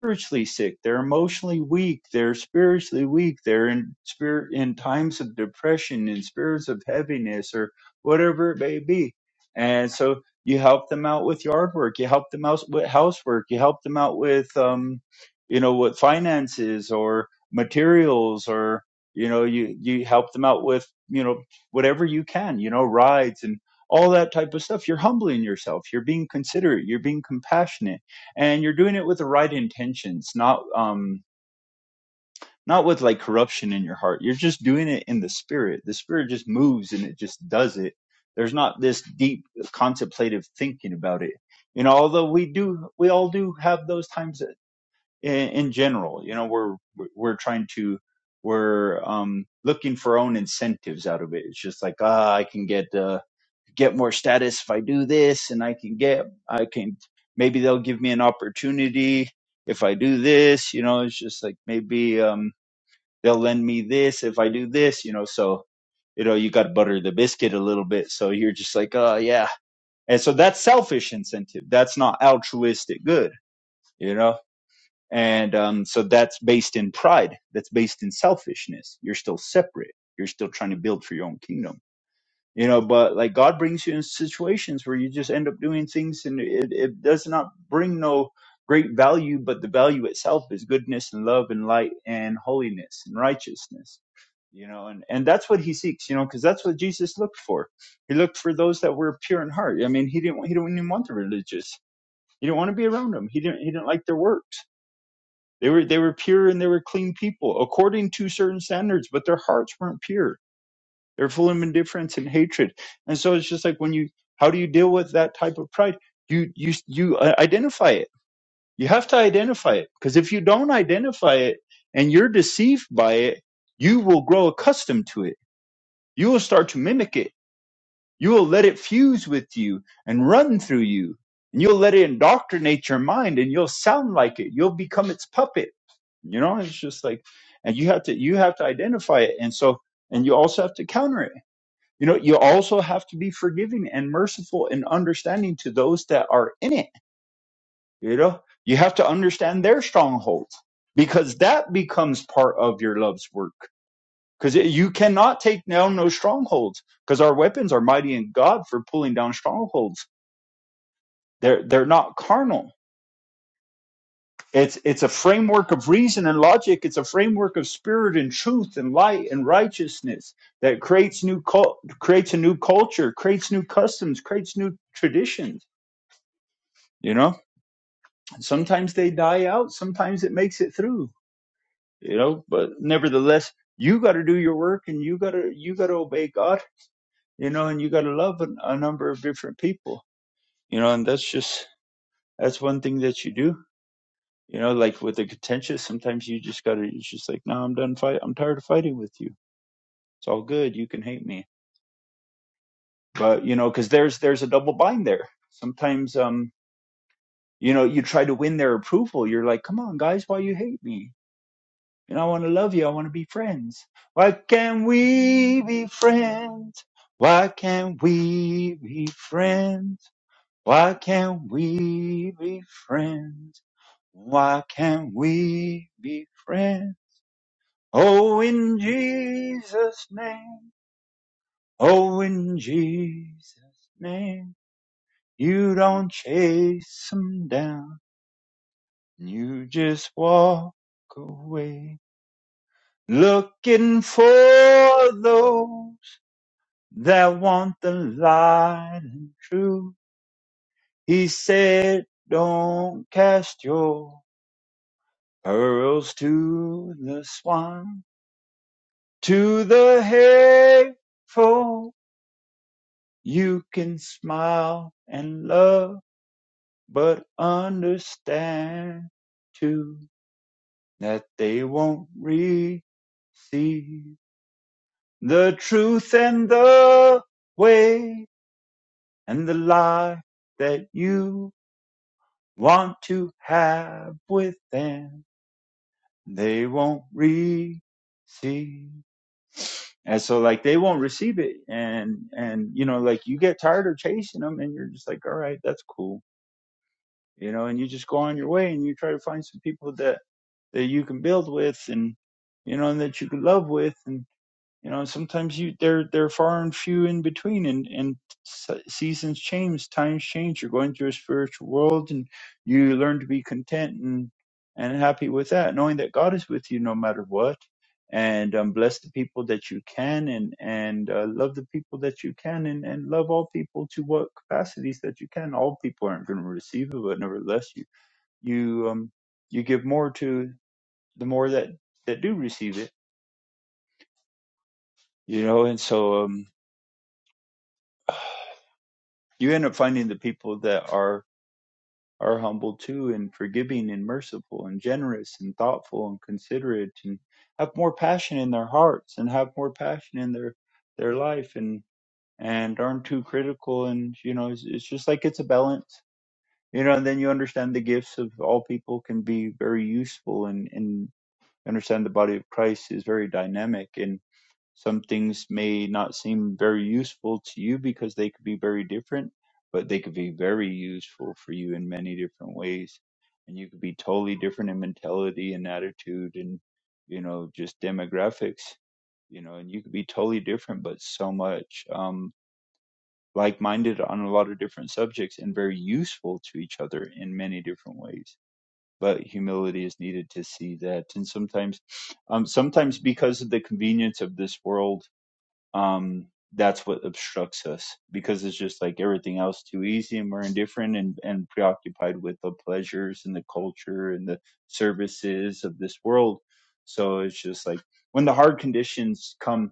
S4: spiritually sick they're emotionally weak they're spiritually weak they're in spirit in times of depression in spirits of heaviness or whatever it may be and so you help them out with yard work you help them out with housework you help them out with um you know with finances or materials or you know you you help them out with you know whatever you can you know rides and all that type of stuff you're humbling yourself you're being considerate you're being compassionate and you're doing it with the right intentions not um not with like corruption in your heart you're just doing it in the spirit the spirit just moves and it just does it there's not this deep contemplative thinking about it you know although we do we all do have those times in, in general you know we're we're trying to we're um looking for our own incentives out of it it's just like ah i can get uh get more status if I do this and I can get I can maybe they'll give me an opportunity if I do this, you know, it's just like maybe um they'll lend me this if I do this, you know, so you know, you got to butter the biscuit a little bit. So you're just like, "Oh, yeah." And so that's selfish incentive. That's not altruistic good, you know? And um so that's based in pride. That's based in selfishness. You're still separate. You're still trying to build for your own kingdom you know but like god brings you in situations where you just end up doing things and it, it does not bring no great value but the value itself is goodness and love and light and holiness and righteousness you know and and that's what he seeks you know because that's what jesus looked for he looked for those that were pure in heart i mean he didn't he didn't even want the religious he didn't want to be around them he didn't he didn't like their works they were they were pure and they were clean people according to certain standards but their hearts weren't pure they're full of indifference and hatred. And so it's just like when you, how do you deal with that type of pride? You, you, you uh, identify it. You have to identify it because if you don't identify it and you're deceived by it, you will grow accustomed to it. You will start to mimic it. You will let it fuse with you and run through you. And you'll let it indoctrinate your mind and you'll sound like it. You'll become its puppet. You know, it's just like, and you have to, you have to identify it. And so, and you also have to counter it you know, you also have to be forgiving and merciful and understanding to those that are in it. You know, you have to understand their strongholds because that becomes part of your love's work. Because you cannot take down those strongholds because our weapons are mighty in God for pulling down strongholds. They're they're not carnal. It's it's a framework of reason and logic. It's a framework of spirit and truth and light and righteousness that creates new cult, creates a new culture, creates new customs, creates new traditions you know sometimes they die out sometimes it makes it through you know but nevertheless you got to do your work and you got to you got to obey god you know and you got to love a, a number of different people you know and that's just that's one thing that you do you know like with the contentious sometimes you just got to it's just like no i'm done fight i'm tired of fighting with you it's all good you can hate me but you know because there's there's a double bind there sometimes um you know you try to win their approval you're like come on guys why you hate me and I want to love you. I want to be friends. Why can't we be friends? Why can't we be friends? Why can't we be friends? Why can't we be friends? Oh, in Jesus' name. Oh, in Jesus' name. You don't chase them down. You just walk away. Looking for those that want the light and truth. He said, don't cast your pearls to the swine, to the hateful. You can smile and love, but understand too that they won't receive the truth and the way and the lie that you want to have with them, they won't receive. And so like they won't receive it. And, and, you know, like you get tired of chasing them and you're just like, all right, that's cool. You know, and you just go on your way and you try to find some people that, that you can build with and, you know, and that you can love with. and you know sometimes you they're they're far and few in between and and seasons change times change you're going through a spiritual world and you learn to be content and and happy with that knowing that god is with you no matter what and um, bless the people that you can and and uh, love the people that you can and, and love all people to what capacities that you can all people aren't going to receive it but nevertheless you you um you give more to the more that that do receive it you know and so um you end up finding the people that are are humble too and forgiving and merciful and generous and thoughtful and considerate and have more passion in their hearts and have more passion in their their life and and aren't too critical and you know it's, it's just like it's a balance you know and then you understand the gifts of all people can be very useful and and understand the body of christ is very dynamic and. Some things may not seem very useful to you because they could be very different, but they could be very useful for you in many different ways. And you could be totally different in mentality and attitude and, you know, just demographics, you know, and you could be totally different, but so much um, like minded on a lot of different subjects and very useful to each other in many different ways. But humility is needed to see that. And sometimes, um, sometimes because of the convenience of this world, um that's what obstructs us because it's just like everything else too easy and we're indifferent and, and preoccupied with the pleasures and the culture and the services of this world so it's just like when the hard conditions come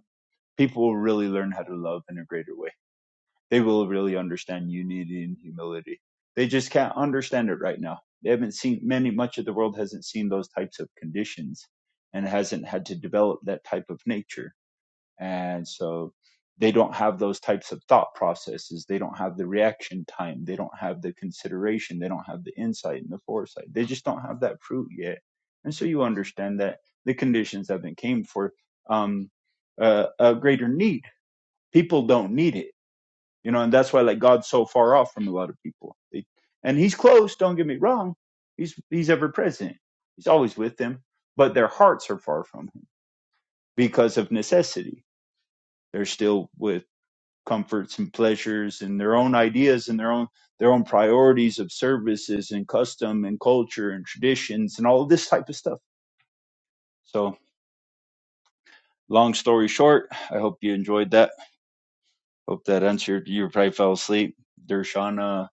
S4: people will really learn how to love in a greater way they will really understand unity and humility they just can't understand it right now they haven't seen many much of the world hasn't seen those types of conditions and hasn't had to develop that type of nature and so they don't have those types of thought processes they don't have the reaction time they don't have the consideration they don't have the insight and the foresight they just don't have that fruit yet and so you understand that the conditions have not came for um uh, a greater need people don't need it you know and that's why like god's so far off from a lot of people They- and he's close don't get me wrong he's he's ever present he's always with them but their hearts are far from him because of necessity they're still with comforts and pleasures and their own ideas and their own their own priorities of services and custom and culture and traditions and all this type of stuff. So long story short, I hope you enjoyed that. Hope that answered you probably fell asleep. Dershana,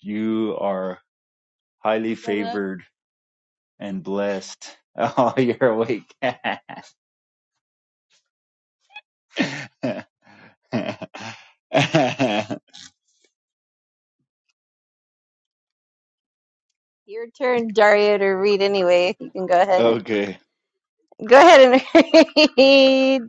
S4: you are highly
S1: grow up?
S4: favored and blessed. Oh, you're awake. okay.
S2: your turn daria to read anyway if you can go ahead and go ahead and read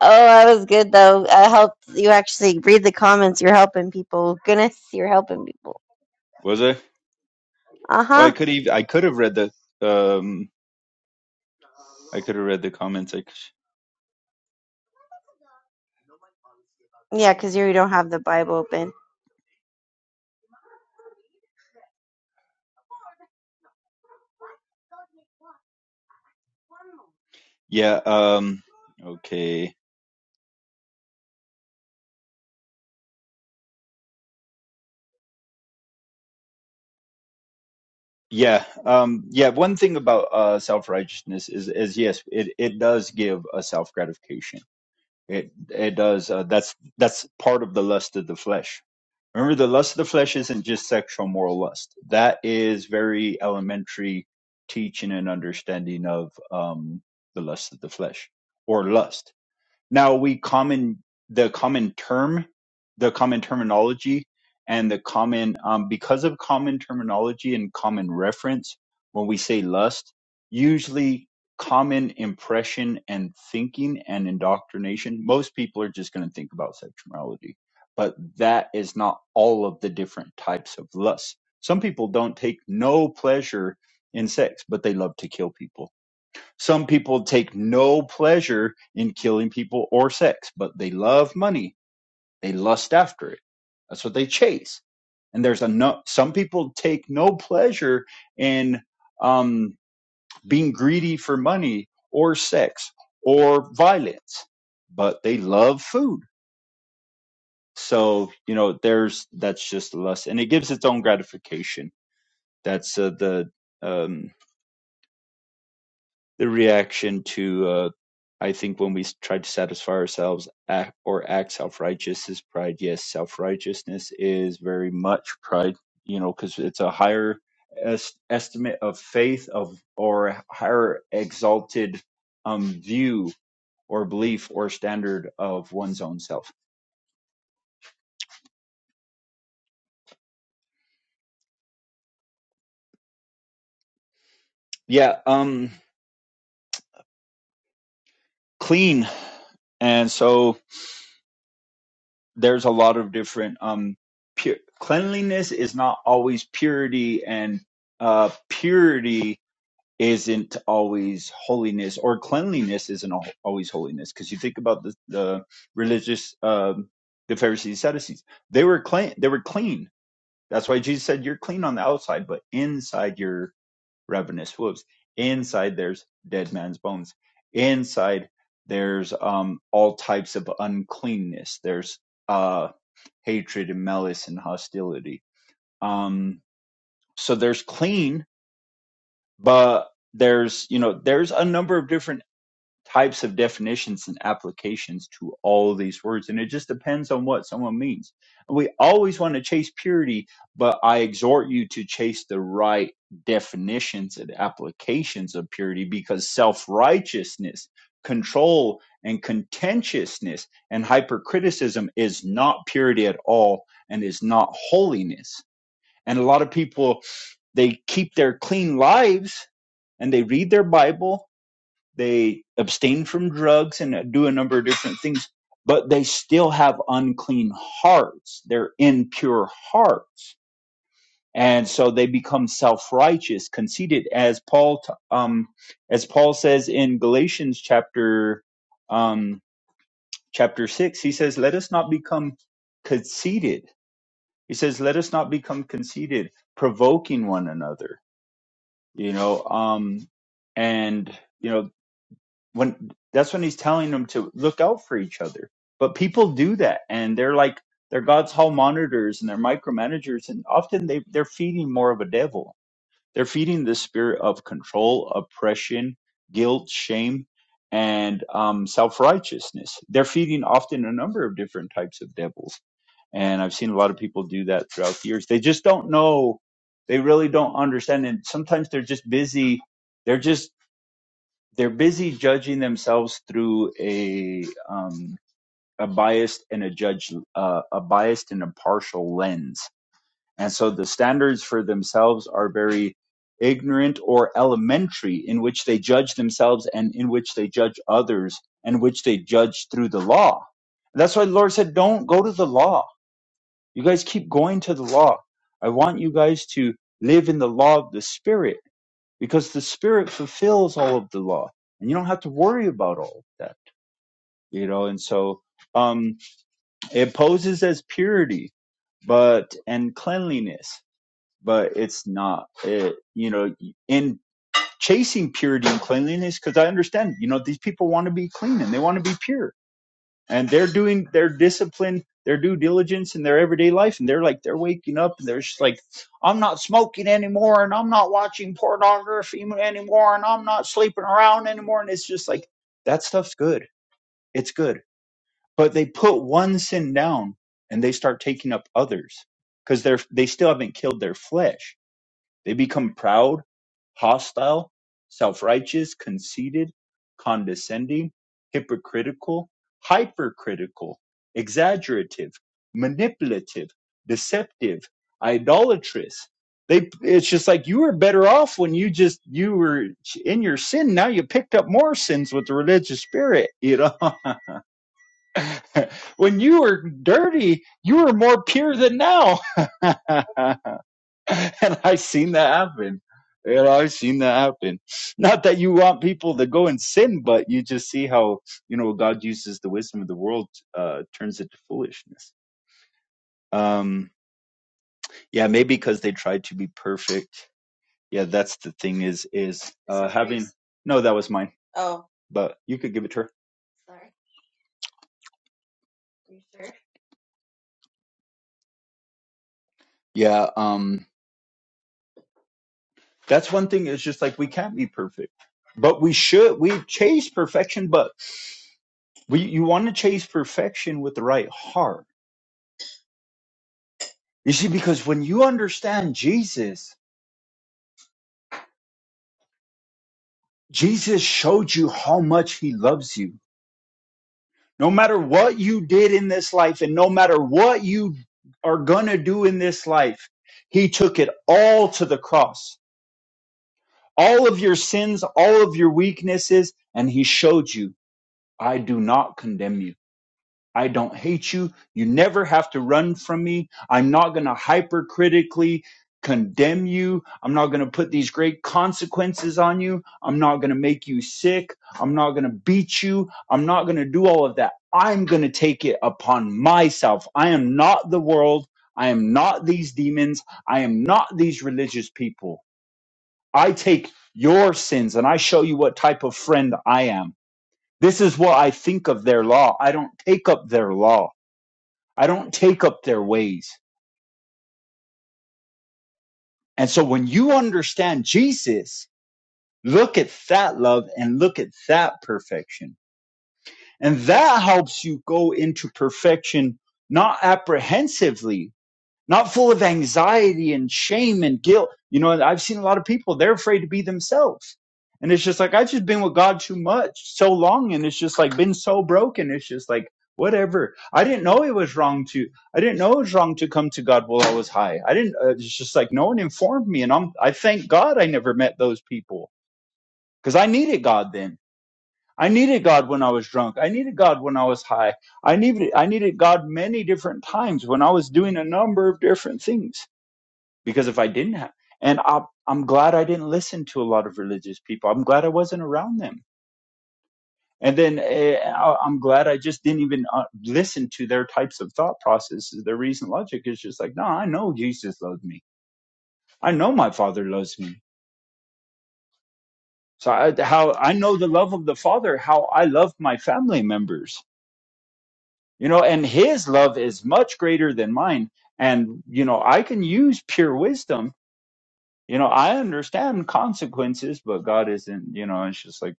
S2: Oh, I was good though. I helped you actually read the comments. You're helping people. Goodness, you're helping people.
S4: Was I?
S2: Uh
S4: Oh, I
S2: huh.
S4: could even I could have read the um I could have read the comments. I
S2: Yeah, because you don't have the Bible open.
S4: Yeah, um okay. Yeah. Um yeah, one thing about uh self-righteousness is is yes, it it does give a self-gratification. It it does uh, that's that's part of the lust of the flesh. Remember the lust of the flesh isn't just sexual moral lust. That is very elementary teaching and understanding of um the lust of the flesh or lust. Now we common the common term, the common terminology, and the common um, because of common terminology and common reference. When we say lust, usually common impression and thinking and indoctrination. Most people are just going to think about sexual morality, but that is not all of the different types of lust. Some people don't take no pleasure in sex, but they love to kill people some people take no pleasure in killing people or sex, but they love money. They lust after it. That's what they chase. And there's a no, some people take no pleasure in um, being greedy for money or sex or violence, but they love food. So you know, there's that's just lust, and it gives its own gratification. That's uh, the um, the reaction to uh, I think when we try to satisfy ourselves act, or act self-righteous is pride. Yes, self-righteousness is very much pride, you know, because it's a higher es- estimate of faith of or a higher exalted um, view or belief or standard of one's own self. Yeah, um, clean. And so there's a lot of different um pure cleanliness is not always purity and uh purity isn't always holiness or cleanliness isn't al- always holiness because you think about the, the religious um the pharisees sadducees they were clean they were clean that's why jesus said you're clean on the outside but inside you're ravenous wolves inside there's dead man's bones inside there's um all types of uncleanness there's uh, hatred and malice and hostility. Um, so there's clean, but there's you know there's a number of different types of definitions and applications to all of these words. And it just depends on what someone means. And we always want to chase purity, but I exhort you to chase the right definitions and applications of purity because self righteousness, control, and contentiousness and hypercriticism is not purity at all and is not holiness. And a lot of people, they keep their clean lives and they read their Bible they abstain from drugs and do a number of different things, but they still have unclean hearts. They're impure hearts. And so they become self-righteous, conceited, as Paul, um, as Paul says in Galatians chapter, um, chapter six, he says, let us not become conceited. He says, let us not become conceited, provoking one another, you know, um, and, you know, when that's when he's telling them to look out for each other. But people do that, and they're like they're God's hall monitors and they're micromanagers, and often they they're feeding more of a devil. They're feeding the spirit of control, oppression, guilt, shame, and um, self righteousness. They're feeding often a number of different types of devils, and I've seen a lot of people do that throughout the years. They just don't know. They really don't understand, and sometimes they're just busy. They're just they're busy judging themselves through a um, a biased and a judge uh, a biased and a partial lens, and so the standards for themselves are very ignorant or elementary in which they judge themselves and in which they judge others and which they judge through the law. That's why the Lord said, "Don't go to the law. You guys keep going to the law. I want you guys to live in the law of the Spirit." because the spirit fulfills all of the law and you don't have to worry about all of that you know and so um it poses as purity but and cleanliness but it's not it, you know in chasing purity and cleanliness because i understand you know these people want to be clean and they want to be pure and they're doing their discipline, their due diligence in their everyday life, and they're like they're waking up and they're just like, I'm not smoking anymore, and I'm not watching pornography anymore, and I'm not sleeping around anymore, and it's just like that stuff's good, it's good, but they put one sin down and they start taking up others because they're they still haven't killed their flesh they become proud, hostile, self righteous, conceited, condescending, hypocritical, hypercritical, exaggerative, manipulative, deceptive, idolatrous. They, it's just like you were better off when you just you were in your sin. Now you picked up more sins with the religious spirit. You know, when you were dirty, you were more pure than now. and I've seen that happen. You know, I've seen that happen. Not that you want people to go and sin, but you just see how you know God uses the wisdom of the world, uh, turns it to foolishness. Um, yeah, maybe because they tried to be perfect. Yeah, that's the thing. Is is uh, having no, that was mine, but you could give it to her. Yeah, um, that's one thing. It's just like we can't be perfect, but we should. We chase perfection, but we you want to chase perfection with the right heart You see, because when you understand Jesus, Jesus showed you how much he loves you. No matter what you did in this life and no matter what you are going to do in this life, he took it all to the cross. All of your sins, all of your weaknesses, and he showed you, I do not condemn you. I don't hate you. You never have to run from me. I'm not going to hypercritically condemn you. I'm not going to put these great consequences on you. I'm not going to make you sick. I'm not going to beat you. I'm not going to do all of that. I'm going to take it upon myself. I am not the world. I am not these demons. I am not these religious people. I take your sins and I show you what type of friend I am. This is what I think of their law. I don't take up their law. I don't take up their ways. And so when you understand Jesus, look at that love and look at that perfection. And that helps you go into perfection, not apprehensively, not full of anxiety and shame and guilt. You know, I've seen a lot of people, they're afraid to be themselves. And it's just like, I've just been with God too much, so long, and it's just like been so broken. It's just like, whatever. I didn't know it was wrong to, I didn't know it was wrong to come to God while I was high. I didn't, uh, it's just like, no one informed me. And I'm, I thank God I never met those people because I needed God then. I needed God when I was drunk. I needed God when I was high. I needed, I needed God many different times when I was doing a number of different things because if I didn't have, and I, I'm glad I didn't listen to a lot of religious people. I'm glad I wasn't around them. And then eh, I- I'm glad I just didn't even uh, listen to their types of thought processes. Their reason logic is just like, no, I know Jesus loves me. I know my father loves me. So I, how I know the love of the father, how I love my family members, you know, and his love is much greater than mine. And, you know, I can use pure wisdom you know i understand consequences but god isn't you know it's just like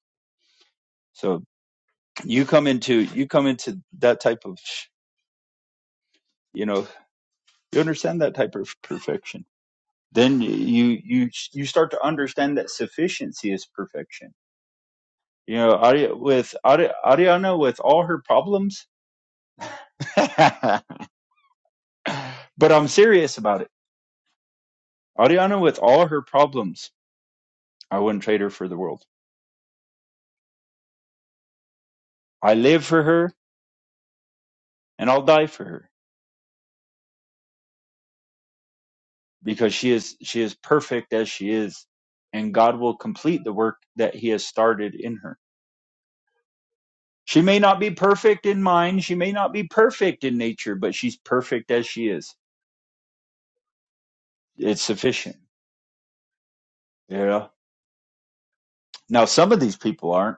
S4: So you come into you come into that type of you know you understand that type of perfection. Then you you you start to understand that sufficiency is perfection. You know, Ari, with Ari, Ariana with all her problems, but I'm serious about it. Ariana with all her problems, I wouldn't trade her for the world. I live for her and I'll die for her because she is she is perfect as she is, and God will complete the work that He has started in her She may not be perfect in mind, she may not be perfect in nature, but she's perfect as she is. It's sufficient. You know. Now some of these people aren't.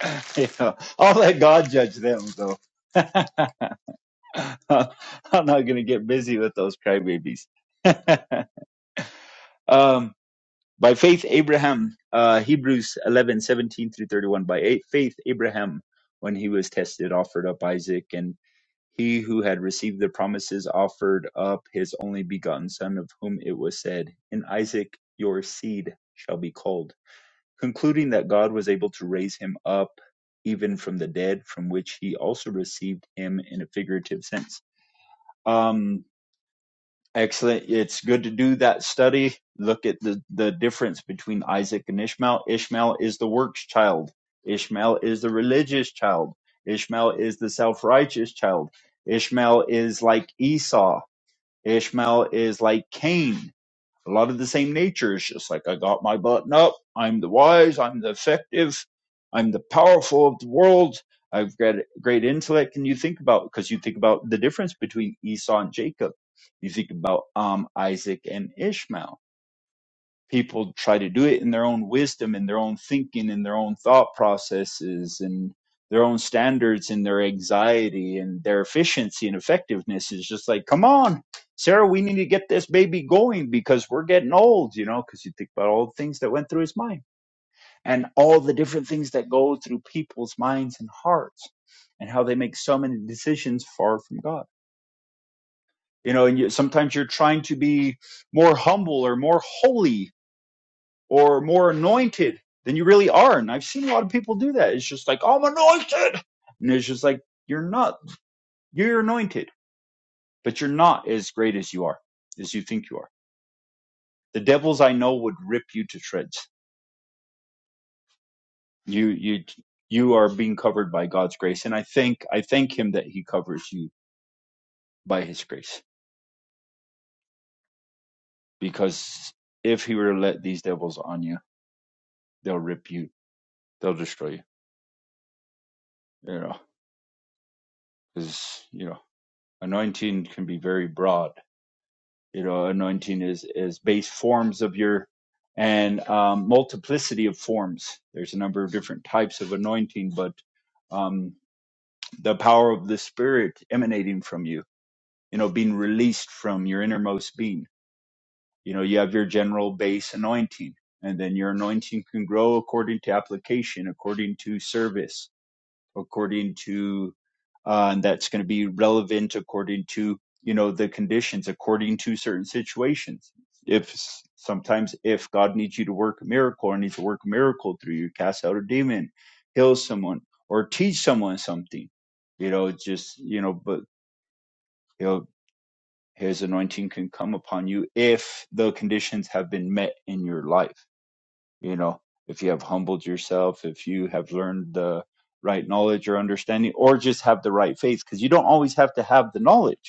S4: you know, I'll let God judge them though. I'm not gonna get busy with those crybabies. um by faith Abraham, uh Hebrews eleven, seventeen through thirty one. By eight, faith Abraham when he was tested offered up Isaac and. He who had received the promises offered up his only begotten son, of whom it was said, In Isaac your seed shall be called, concluding that God was able to raise him up even from the dead, from which he also received him in a figurative sense. Um, Excellent. It's good to do that study. Look at the, the difference between Isaac and Ishmael. Ishmael is the works child. Ishmael is the religious child. Ishmael is the self righteous child. Ishmael is like Esau. Ishmael is like Cain a lot of the same nature. It's just like I got my button up. I'm the wise. I'm the effective. I'm the powerful of the world. I've got great intellect. And you think about because you think about the difference between Esau and Jacob. You think about um, Isaac and Ishmael people try to do it in their own wisdom in their own thinking in their own thought processes and their own standards and their anxiety and their efficiency and effectiveness is just like come on sarah we need to get this baby going because we're getting old you know because you think about all the things that went through his mind and all the different things that go through people's minds and hearts and how they make so many decisions far from god you know and you, sometimes you're trying to be more humble or more holy or more anointed than you really are. And I've seen a lot of people do that. It's just like, I'm anointed. And it's just like, you're not, you're anointed, but you're not as great as you are, as you think you are. The devils I know would rip you to shreds. You, you, you are being covered by God's grace. And I thank, I thank him that he covers you by his grace because if he were to let these devils on you, they'll rip you, they'll destroy you, you know, because, you know, anointing can be very broad you know anointing is is base forms of your and um, multiplicity of forms there's a number of different types of anointing but um, the power of the spirit emanating from you you know being released from your innermost being you know you have your general base anointing and then your anointing can grow according to application according to service according to uh, and that's going to be relevant according to you know the conditions according to certain situations if s- sometimes if god needs you to work a miracle or needs to work a miracle through you cast out a demon heal someone or teach someone something you know it's just you know but you know his anointing can come upon you if the conditions have been met in your life you know if you have humbled yourself if you have learned the right knowledge or understanding or just have the right faith because you don't always have to have the knowledge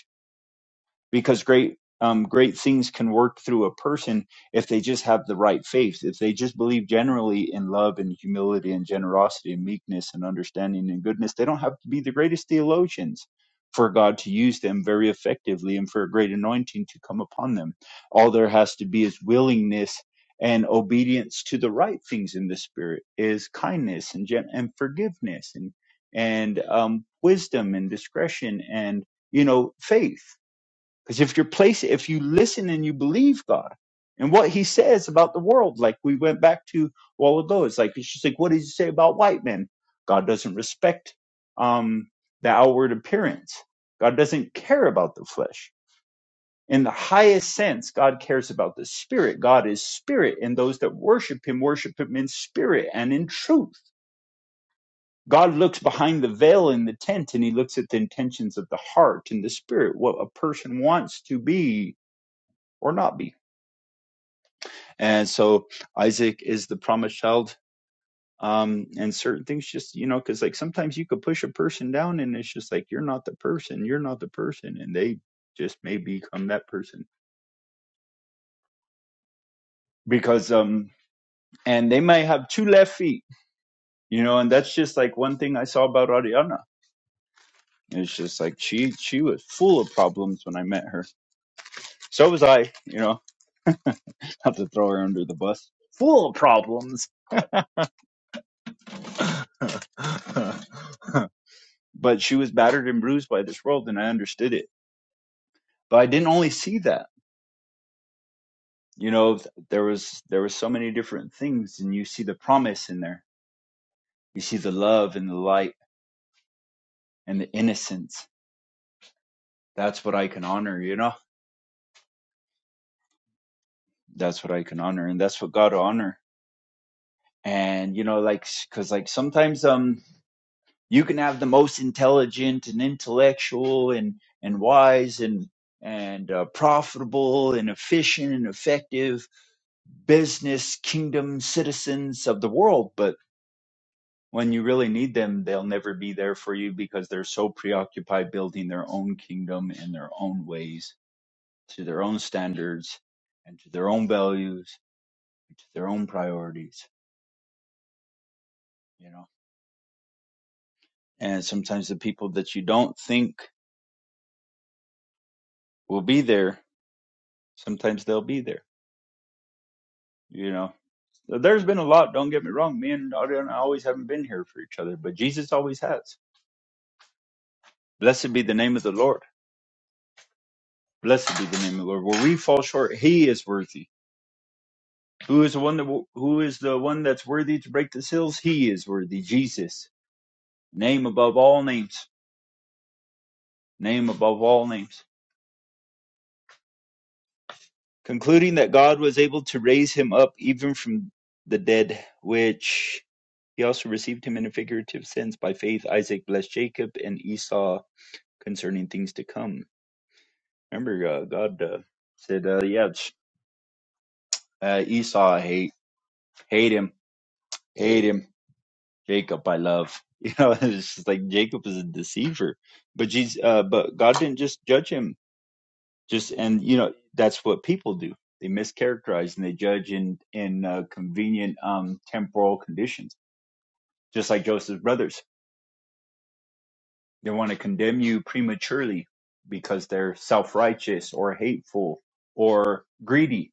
S4: because great um, great things can work through a person if they just have the right faith if they just believe generally in love and humility and generosity and meekness and understanding and goodness they don't have to be the greatest theologians for god to use them very effectively and for a great anointing to come upon them all there has to be is willingness and obedience to the right things in the spirit is kindness and gen- and forgiveness and and um, wisdom and discretion and you know faith because if you're placing, if you listen and you believe God and what He says about the world, like we went back to a while ago, it's like it's just like what did you say about white men? God doesn't respect um, the outward appearance. God doesn't care about the flesh. In the highest sense, God cares about the spirit. God is spirit, and those that worship Him worship Him in spirit and in truth. God looks behind the veil in the tent and he looks at the intentions of the heart and the spirit, what a person wants to be or not be And so Isaac is the promised child. Um, and certain things just, you know, cause like sometimes you could push a person down and it's just like, you're not the person, you're not the person. And they just may become that person because, um, and they might have two left feet, you know, and that's just like one thing I saw about Ariana. It's just like she, she was full of problems when I met her. So was I, you know, not to throw her under the bus. Full of problems. but she was battered and bruised by this world and i understood it but i didn't only see that you know th- there was there was so many different things and you see the promise in there you see the love and the light and the innocence that's what i can honor you know that's what i can honor and that's what god will honor and you know like because like sometimes um you can have the most intelligent and intellectual and and wise and and uh, profitable and efficient and effective business kingdom citizens of the world but when you really need them they'll never be there for you because they're so preoccupied building their own kingdom in their own ways to their own standards and to their own values and to their own priorities you know and sometimes the people that you don't think will be there sometimes they'll be there you know So there's been a lot don't get me wrong me and Ariana always haven't been here for each other but jesus always has blessed be the name of the lord Blessed be the name of the Lord. Where we fall short, He is worthy. Who is the one that who is the one that's worthy to break the seals? He is worthy. Jesus, name above all names, name above all names. Concluding that God was able to raise him up even from the dead, which he also received him in a figurative sense by faith. Isaac blessed Jacob and Esau concerning things to come. Remember, uh, God uh, said, uh, "Yeah, uh, Esau, I hate, hate him, hate him." Jacob I love. You know, it's just like Jacob is a deceiver. But Jesus uh but God didn't just judge him. Just and you know, that's what people do. They mischaracterize and they judge in in uh, convenient um temporal conditions. Just like Joseph's brothers. They want to condemn you prematurely because they're self-righteous or hateful or greedy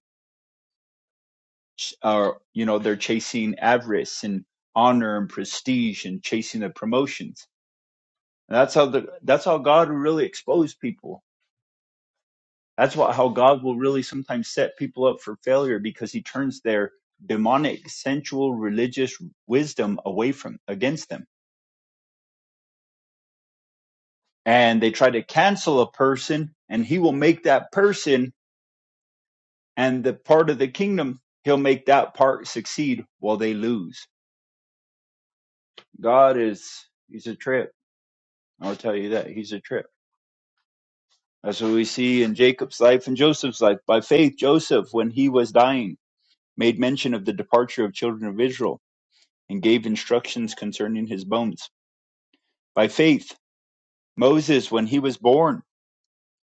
S4: ch- or you know, they're chasing avarice and honor and prestige and chasing the promotions And that's how the that's how God will really expose people. That's what how God will really sometimes set people up for failure because he turns their demonic sensual religious wisdom away from against them. And they try to cancel a person and he will make that person and the part of the kingdom he'll make that part succeed while they lose. God is he's a trip. I'll tell you that. He's a trip. That's what we see in Jacob's life and Joseph's life. By faith Joseph when he was dying made mention of the departure of children of Israel, and gave instructions concerning his bones. By faith, Moses, when he was born,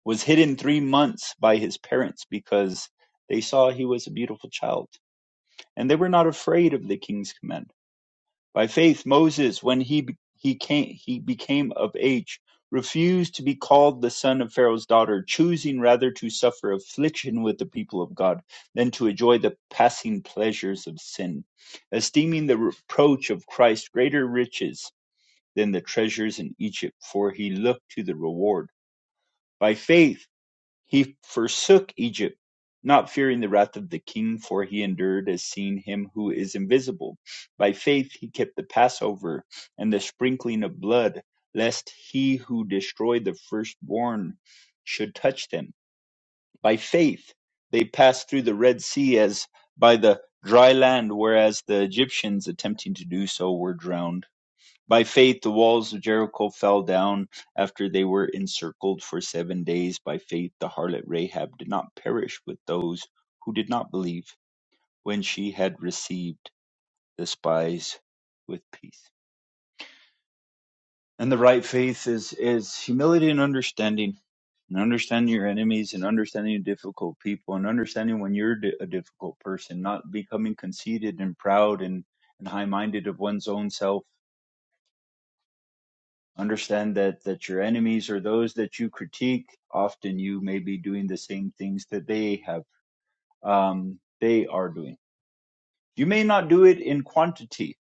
S4: was hidden three months by his parents because they saw he was a beautiful child, and they were not afraid of the king's command. By faith, Moses, when he he came he became of age, refused to be called the son of Pharaoh's daughter, choosing rather to suffer affliction with the people of God than to enjoy the passing pleasures of sin, esteeming the reproach of Christ greater riches than the treasures in Egypt, for he looked to the reward. By faith he forsook Egypt, not fearing the wrath of the king, for he endured as seeing him who is invisible. By faith he kept the Passover and the sprinkling of blood, lest he who destroyed the firstborn should touch them. By faith they passed through the Red Sea as by the dry land, whereas the Egyptians, attempting to do so, were drowned. By faith, the walls of Jericho fell down after they were encircled for seven days. By faith, the harlot Rahab did not perish with those who did not believe when she had received the spies with peace. And the right faith is, is humility and understanding, and understanding your enemies, and understanding difficult people, and understanding when you're di- a difficult person, not becoming conceited and proud and, and high minded of one's own self Understand that that your enemies are those that you critique. Often you may be doing the same things that they have um, they are doing. You may not do it in quantity.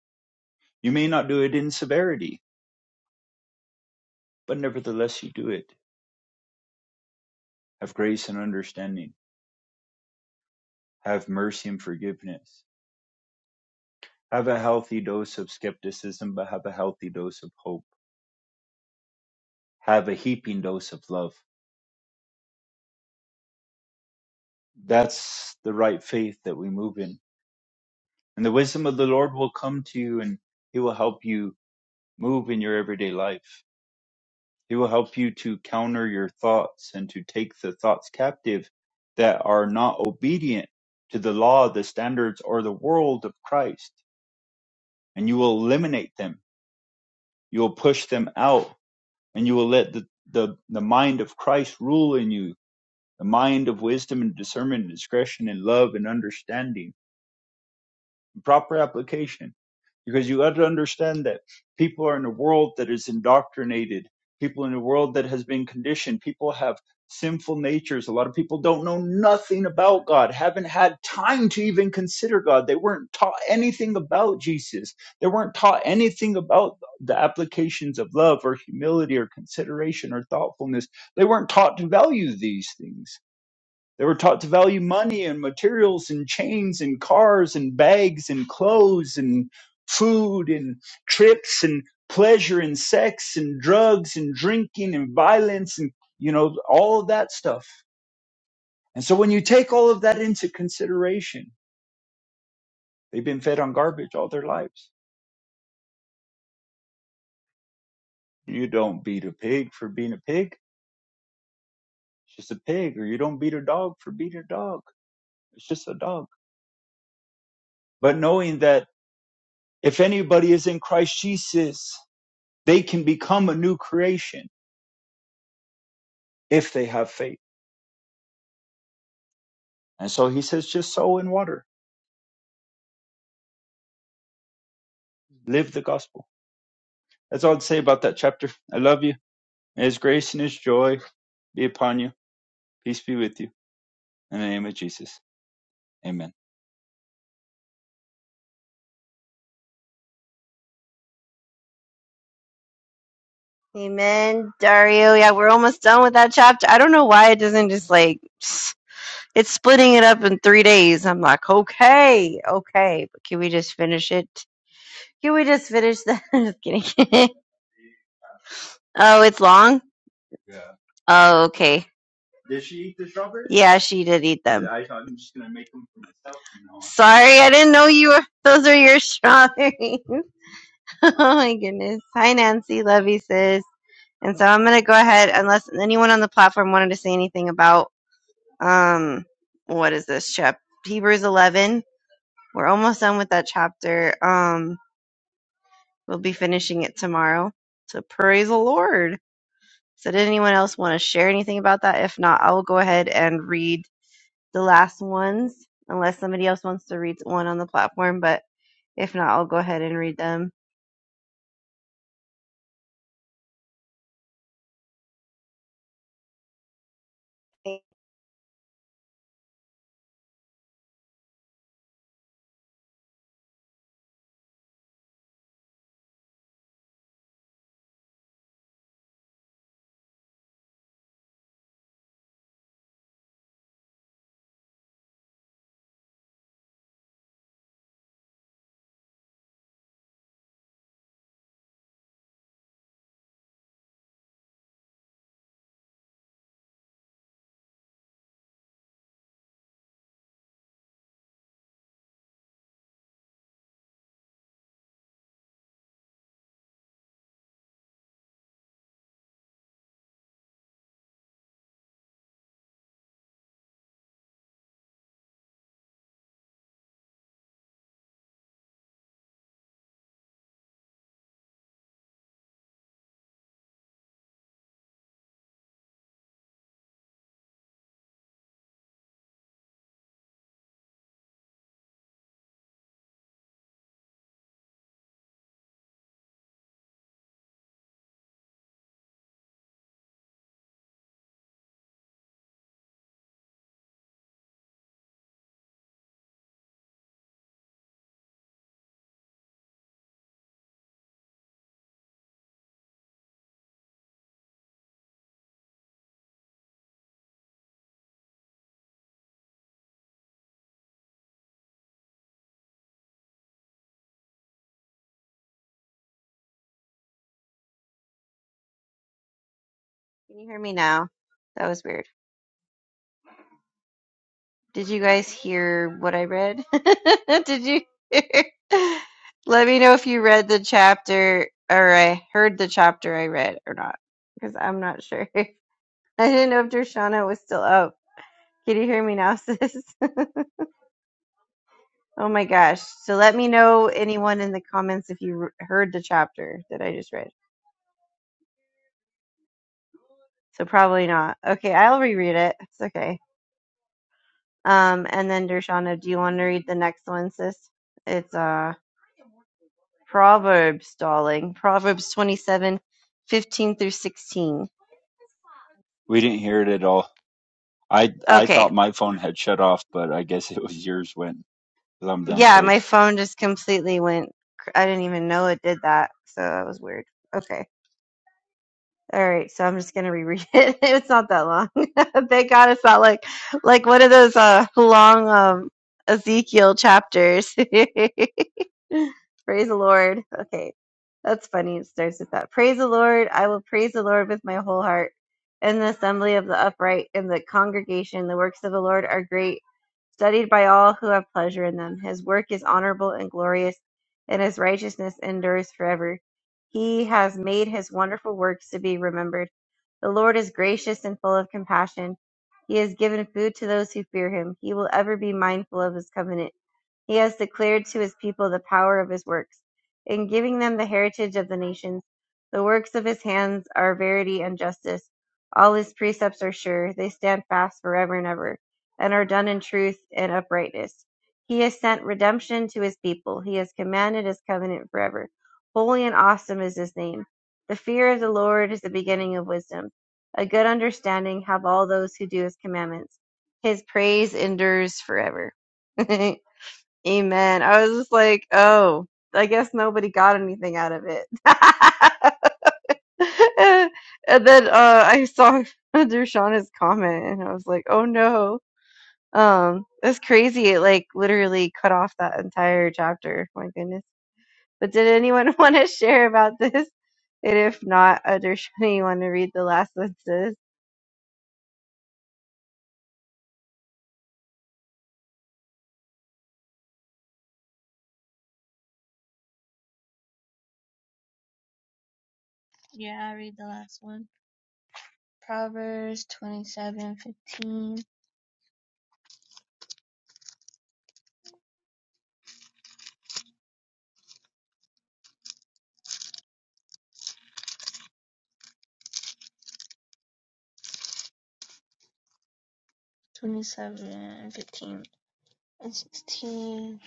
S4: You may not do it in severity, but nevertheless you do it. Have grace and understanding. Have mercy and forgiveness. Have a healthy dose of skepticism, but have a healthy dose of hope. Have a heaping dose of love. That's the right faith that we move in. And the wisdom of the Lord will come to you and he will help you move in your everyday life. He will help you to counter your thoughts and to take the thoughts captive that are not obedient to the law, the standards, or the world of Christ. And you will eliminate them. You will push them out and you will let the, the, the mind of Christ rule in you, the mind of wisdom and discernment and discretion and love and understanding proper application because you got to understand that people are in a world that is indoctrinated people in a world that has been conditioned people have sinful natures a lot of people don't know nothing about god haven't had time to even consider god they weren't taught anything about jesus they weren't taught anything about the applications of love or humility or consideration or thoughtfulness they weren't taught to value these things they were taught to value money and materials and chains and cars and bags and clothes and food and trips and pleasure and sex and drugs and drinking and violence and, you know, all of that stuff. And so when you take all of that into consideration, they've been fed on garbage all their lives. You don't beat a pig for being a pig. It's just a pig. Or you don't beat a dog for being a dog. It's just a dog. But knowing that if anybody is in Christ Jesus, They can become a new creation if they have faith. And so he says, just sow in water, live the gospel. That's all I'd say about that chapter. I love you. May his grace and his joy be upon you. Peace be with you. In the name of Jesus. Amen.
S2: Amen, Dario. Yeah, we're almost done with that chapter. I don't know why it doesn't just like it's splitting it up in three days. I'm like, okay, okay, but can we just finish it? Can we just finish that? just kidding. oh, it's long. Oh, okay. Yeah, she did eat them. Sorry, I didn't know you were. Those are your strawberries. oh my goodness. Hi, Nancy. Love you, sis. And so I'm gonna go ahead, unless anyone on the platform wanted to say anything about um, what is this chapter? Hebrews 11. We're almost done with that chapter. Um, we'll be finishing it tomorrow. So praise the Lord. So did anyone else want to share anything about that? If not, I will go ahead and read the last ones, unless somebody else wants to read one on the platform. But if not, I'll go ahead and read them. Hey, Can you hear me now? That was weird. Did you guys hear what I read? Did you hear? Let me know if you read the chapter or I heard the chapter I read or not, because I'm not sure. I didn't know if Dershana was still up. Can you hear me now, sis? Oh my gosh. So let me know
S1: Yeah,
S2: anyone
S1: yeah,
S2: in the comments if you r- heard the chapter that I just read. So probably not. Okay, I'll reread it. It's okay. Um, and then Dershana, do you want to read the next one, sis? It's uh Proverbs, darling. Proverbs 27, 15 through 16.
S4: We didn't hear it at all. I I
S2: Okay.
S4: thought my phone had shut off, but I guess it was yours when, because 'cause I'm
S2: Yeah,
S4: downstairs.
S2: my phone just completely went. cr- I didn't even know it did that. So that was weird. Okay. All right, so I'm just gonna reread it. It's not that long. Thank God it's not like like one of those uh long um Ezekiel chapters. Praise the Lord. Okay. That's funny. It starts with that. Praise the Lord. I will praise the Lord with my whole heart. In the assembly of the upright, in the congregation, the works of the Lord are great, studied by all who have pleasure in them. His work is honorable and glorious, and his righteousness endures forever. He has made his wonderful works to be remembered. The Lord is gracious and full of compassion. He has given food to those who fear him. He will ever be mindful of his covenant. He has declared to his people the power of his works, in giving them the heritage of the nations. The works of his hands are verity and justice. All his precepts are sure, they stand fast forever and ever, and are done in truth and uprightness. He has sent redemption to his people, he has commanded his covenant forever. Holy and awesome is his name. The fear of the Lord is the beginning of wisdom. A good understanding have all those who do his commandments. His praise endures forever. Amen. I was just like, oh, I guess nobody got anything out of it. and then uh, I saw Dershana's comment, and I was like, oh no, um, that's crazy. It like literally cut off that entire chapter. My goodness. But did anyone want to share about this? And if not, uh, Dershana, you want to read the last sentence?
S1: yeah, I read the last one. Proverbs 27, fifteen, twenty-seven fifteen and 16.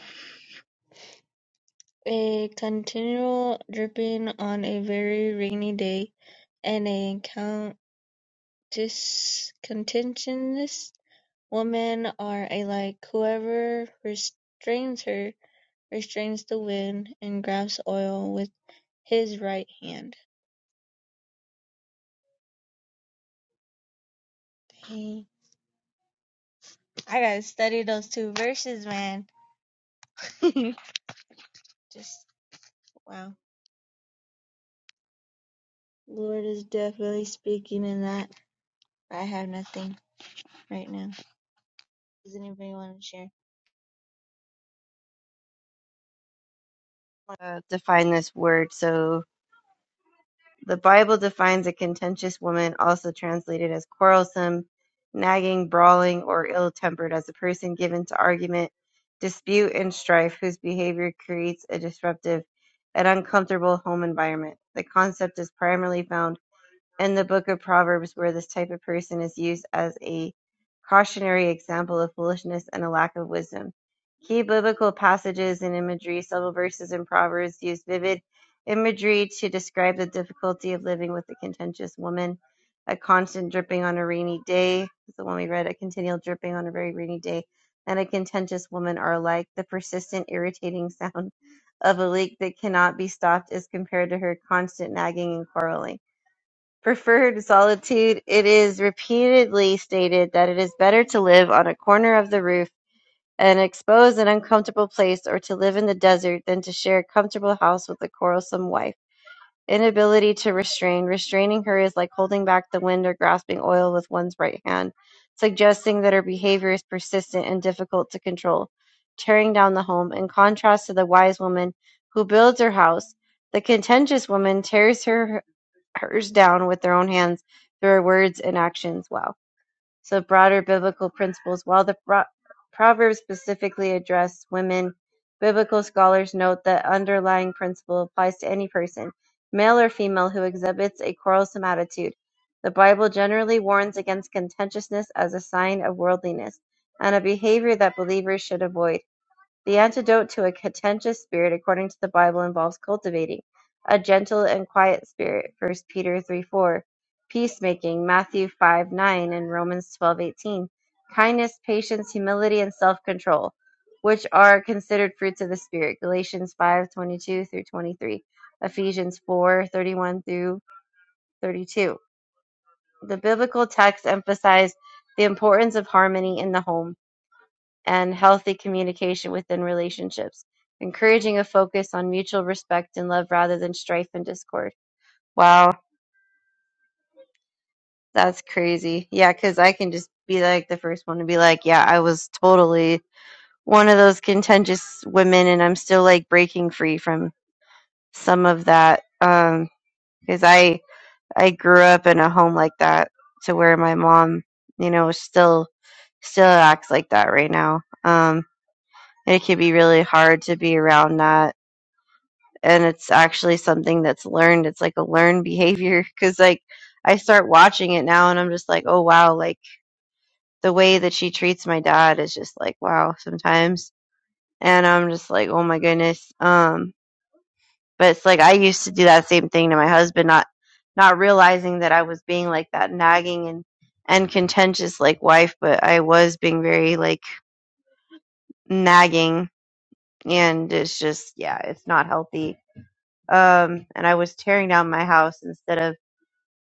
S1: A continual dripping on a very rainy day, and a countis, contentious woman are alike. Whoever restrains her restrains the wind, and grasps oil with his right hand. Dang. I gotta study those two verses, man. Just wow. Lord is definitely speaking in that. I have nothing right now. Does anybody want to share?
S2: Uh, define this word. So. The Bible defines a contentious woman, also translated as quarrelsome, nagging, brawling, or ill tempered, as a person given to argument, dispute, and strife, whose behavior creates a disruptive and uncomfortable home environment. The concept is primarily found in the book of Proverbs where this type of person is used as a cautionary example of foolishness and a lack of wisdom. Key biblical passages and imagery, several verses in Proverbs use vivid imagery to describe the difficulty of living with a contentious woman, a constant dripping on a rainy day, is the one we read, a continual dripping on a very rainy day, and a contentious woman are alike. The persistent, irritating sound of a leak that cannot be stopped is compared to her constant nagging and quarreling preferred solitude, it is repeatedly stated that it is better to live on a corner of the roof, an exposed and uncomfortable place, or to live in the desert than to share a comfortable house with a quarrelsome wife. Inability to restrain. Restraining her is like holding back the wind or grasping oil with one's right hand, suggesting that her behavior is persistent and difficult to control. Tearing down the home, in contrast to the wise woman who builds her house, the contentious woman tears her hers down with their own hands through our words and actions. Wow. So, broader biblical principles. While the pro- Proverbs specifically address women, biblical scholars note that underlying principle applies to any person, male or female, who exhibits a quarrelsome attitude. The Bible generally warns against contentiousness as a sign of worldliness and a behavior that believers should avoid. The antidote to a contentious spirit, according to the Bible, involves cultivating a gentle and quiet spirit, First Peter 3 4, peacemaking, Matthew 5 9, and Romans twelve eighteen, kindness, patience, humility, and self control, which are considered fruits of the Spirit, Galatians five twenty two through 23, Ephesians four thirty one through 32. The biblical texts emphasize the importance of harmony in the home and healthy communication within relationships, encouraging a focus on mutual respect and love rather than strife and discord. Wow, that's crazy. Yeah, because I can just be like the first one to be like, yeah, I was totally one of those contentious women, and I'm still like breaking free from some of that. Um, because I I grew up in a home like that to where my mom, you know, still still acts like that right now. Um, and it can be really hard to be around that and it's actually something that's learned. It's like a learned behavior because like I start watching it now and I'm just like, oh wow, like the way that she treats my dad is just like wow sometimes, and I'm just like, oh my goodness. Um, but it's like I used to do that same thing to my husband, not not realizing that I was being like that nagging and and contentious like wife, but I was being very like nagging and it's just yeah, it's not healthy. Um, and I was tearing down my house instead of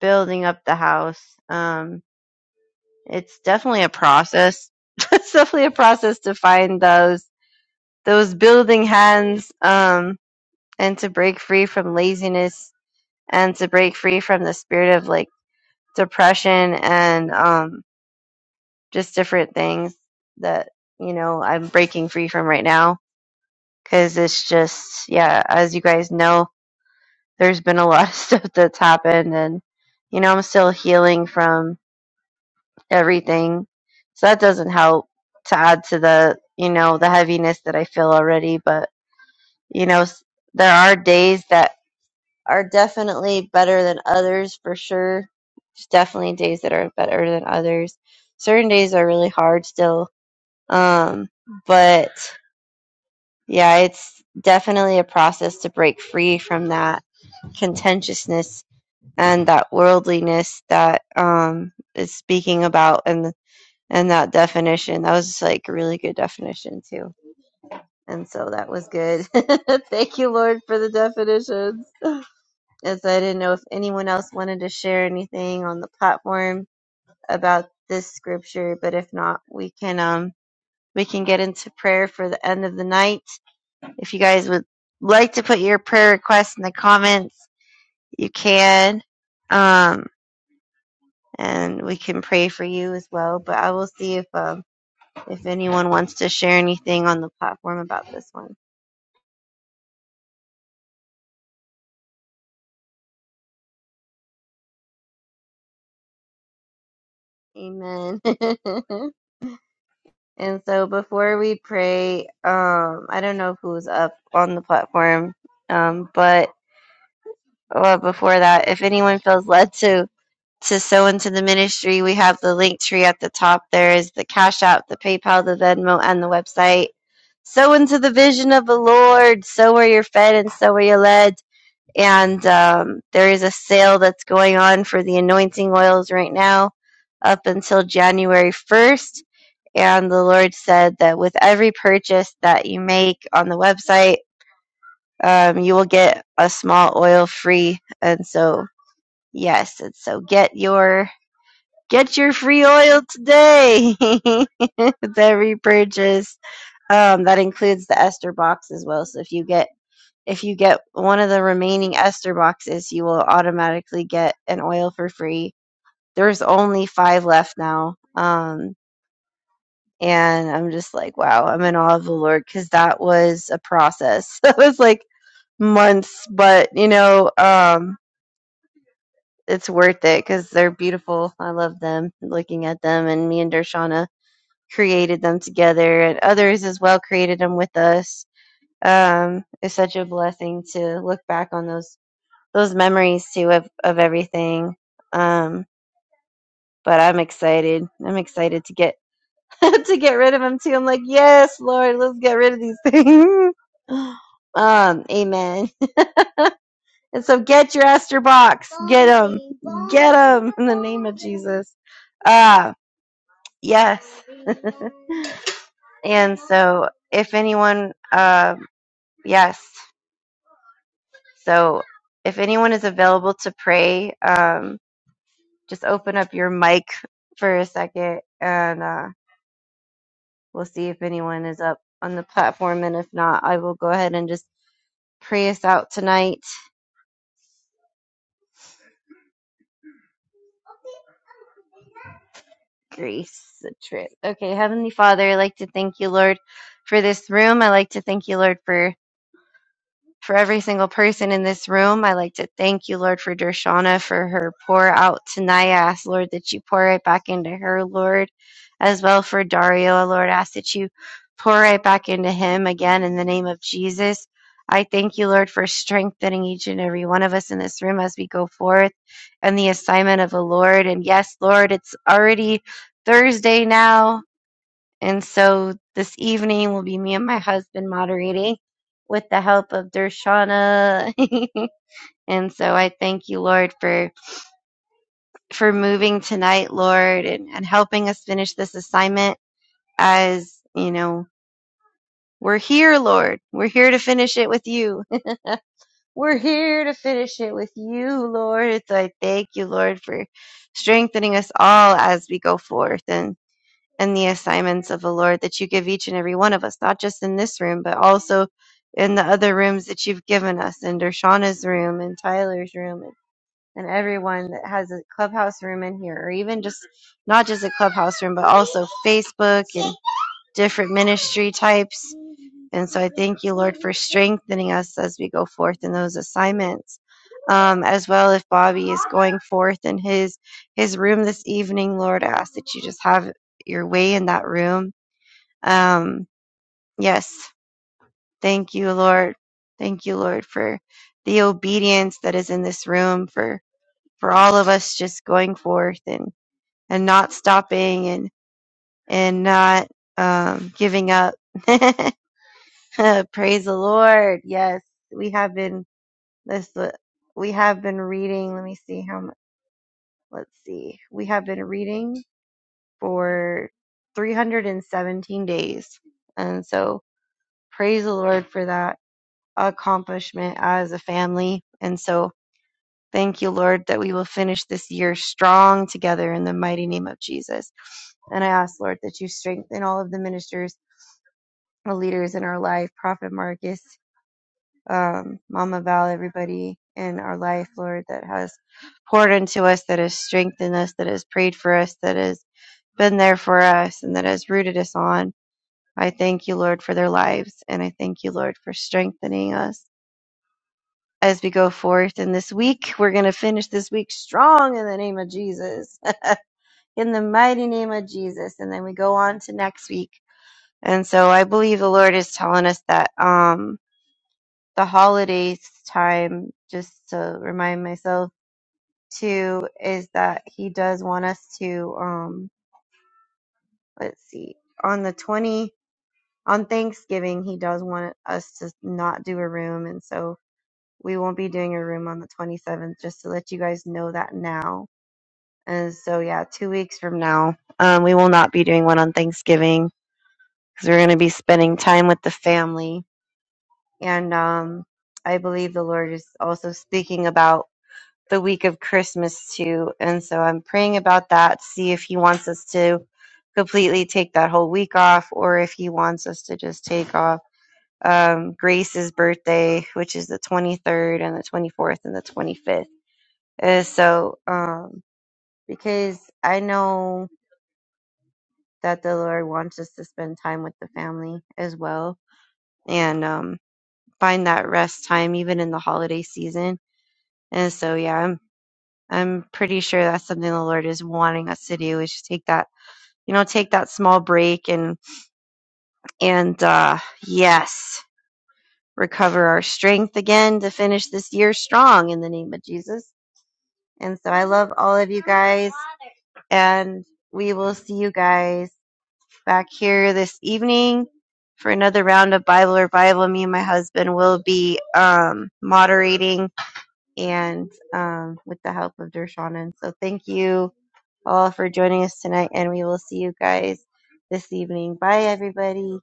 S2: building up the house. Um, it's definitely a process. it's definitely a process to find those those building hands um, and to break free from laziness and to break free from the spirit of like depression and um, just different things that you know I'm breaking free from right now because it's just yeah as you guys know there's been a lot of stuff that's happened and you know I'm still healing from everything. So that doesn't help to add to the, you know, the heaviness that I feel already. But, you know, s- there are days that are definitely better than others for sure. There's definitely days that are better than others. Certain days are really hard still. Um, but yeah, it's definitely a process to break free from that contentiousness and that worldliness that um, is speaking about in the and that definition that was like a really good definition too and so that was good thank you lord for the definitions as i didn't know if anyone else wanted to share anything on the platform about this scripture but if not we can um we can get into prayer for the end of the night if you guys would like to put your prayer requests in the comments you can um and we can pray for you as well but i will see if um if anyone wants to share anything on the platform about this one. Amen. and so before we pray, um, I don't know who's up on the platform, um, but uh, before that, if anyone feels led to to sow into the ministry, we have the link tree at the top. There is the Cash App, the PayPal, the Venmo, and the website. Sow into the vision of the Lord. Sow where you're fed and sow where you're led and um, there is a sale that's going on for the anointing oils right now up until January 1st. And the Lord said that with every purchase that you make on the website, um, you will get a small oil free. And so, yes, and so get your get your free oil today with every purchase. Um, that includes the Esther box as well. So if you get if you get one of the remaining ester boxes, you will automatically get an oil for free. There's only five left now. Um, and I'm just like, wow, I'm in awe of the Lord because that was a process. That was like months, but you know, um, it's worth it because they're beautiful. I love them looking at them, and me and Dershana created them together, and others as well created them with us. Um, it's such a blessing to look back on those those memories too of, of everything. Um, but I'm excited. I'm excited to get to get rid of them too. I'm like, yes, Lord, let's get rid of these things. um, amen. And so, get your Esther box. Get them. Get them in the name of Jesus. Ah, yes. And so, if anyone, uh, yes. So, if anyone is available to pray, um, just open up your mic for a second and. uh, We'll see if anyone is up on the platform, and if not, I will go ahead and just pray us out tonight. Grace, the trip. Okay, Heavenly Father, I'd like to thank you, Lord, for this room. I'd like to thank you, Lord, for for every single person in this room. I like to thank you, Lord, for Dershana for her pour out tonight. I ask, Lord, that you pour right back into her, Lord, as well for Dario. I, Lord, I ask that you pour right back into him again in the name of Jesus. I thank you, Lord, for strengthening each and every one of us in this room as we go forth and the assignment of the Lord. And yes, Lord, it's already Thursday now. And so this evening will be me and my husband moderating with the help of Dershana. and so I thank you, Lord, for for moving tonight, Lord, and, and helping us finish this assignment as, you know, we're here, Lord. We're here to finish it with you. We're here to finish it with you, Lord. So I thank you, Lord, for strengthening us all as we go forth. and. and the assignments of the Lord that you give each and every one of us, not just in this room, but also in the other rooms that you've given us, in Dershana's room and Tyler's room and, and everyone that has a clubhouse room in here, or even just not just a clubhouse room, but also Facebook and different ministry types and so I thank you, Lord, for strengthening us as we go forth in those assignments. Um, as well, if Bobby is going forth in his his room this evening, Lord, I ask that you just have your way in that room. Um, yes, thank you, Lord. Thank you, Lord, for the obedience that is in this room for for all of us just going forth and and not stopping and and not um, giving up. Praise the Lord. Yes, we have been This uh, we have been reading. Let me see how much. Let's see. We have been reading for 317 days, and so praise the Lord for that accomplishment as a family. And so thank you, Lord, that we will finish this year strong together in the mighty name of Jesus. And I ask, Lord, that you strengthen all of the ministers, the leaders in our life, Prophet Marcus. um, Mama Val, everybody in our life, Lord, that has poured into us, that has strengthened us, that has prayed for us, that has been there for us, and that has rooted us on. I thank you, Lord, for their lives, and I thank you, Lord, for strengthening us as we go forth. And this week, we're going to finish this week strong in the name of Jesus, in the mighty name of Jesus. And then we go on to next week. And so I believe the Lord is telling us that. Um, the holidays time, just to remind myself too, is that he does want us to um let's see, on the twenty on Thanksgiving he does want us to not do a room and so we won't be doing a room on the twenty seventh, just to let you guys know that now. And so yeah, two weeks from now, um we will not be doing one on Thanksgiving because we're gonna be spending time with the family and um I believe the Lord is also speaking about. the week of Christmas too. And so I'm praying about that, see if he wants us to completely take that whole week off or if he wants us to just take off um, Grace's birthday, which is the 23rd and the 24th and the 25th. Uh, so, um, because I know that the Lord wants us to spend time with the family as well and um, find that rest time even in the holiday season. And so, yeah, I'm I'm pretty sure that's something the Lord is wanting us to do is take that, you know, take that small break and and uh yes, recover our strength again to finish this year strong in the name of Jesus. And so I love all of you guys and we will see you guys back here this evening for another round of Bible revival. Me and my husband will be um moderating and um with the help of Dershana. And so thank you all for joining us tonight, and we will see you guys this evening. Bye, everybody.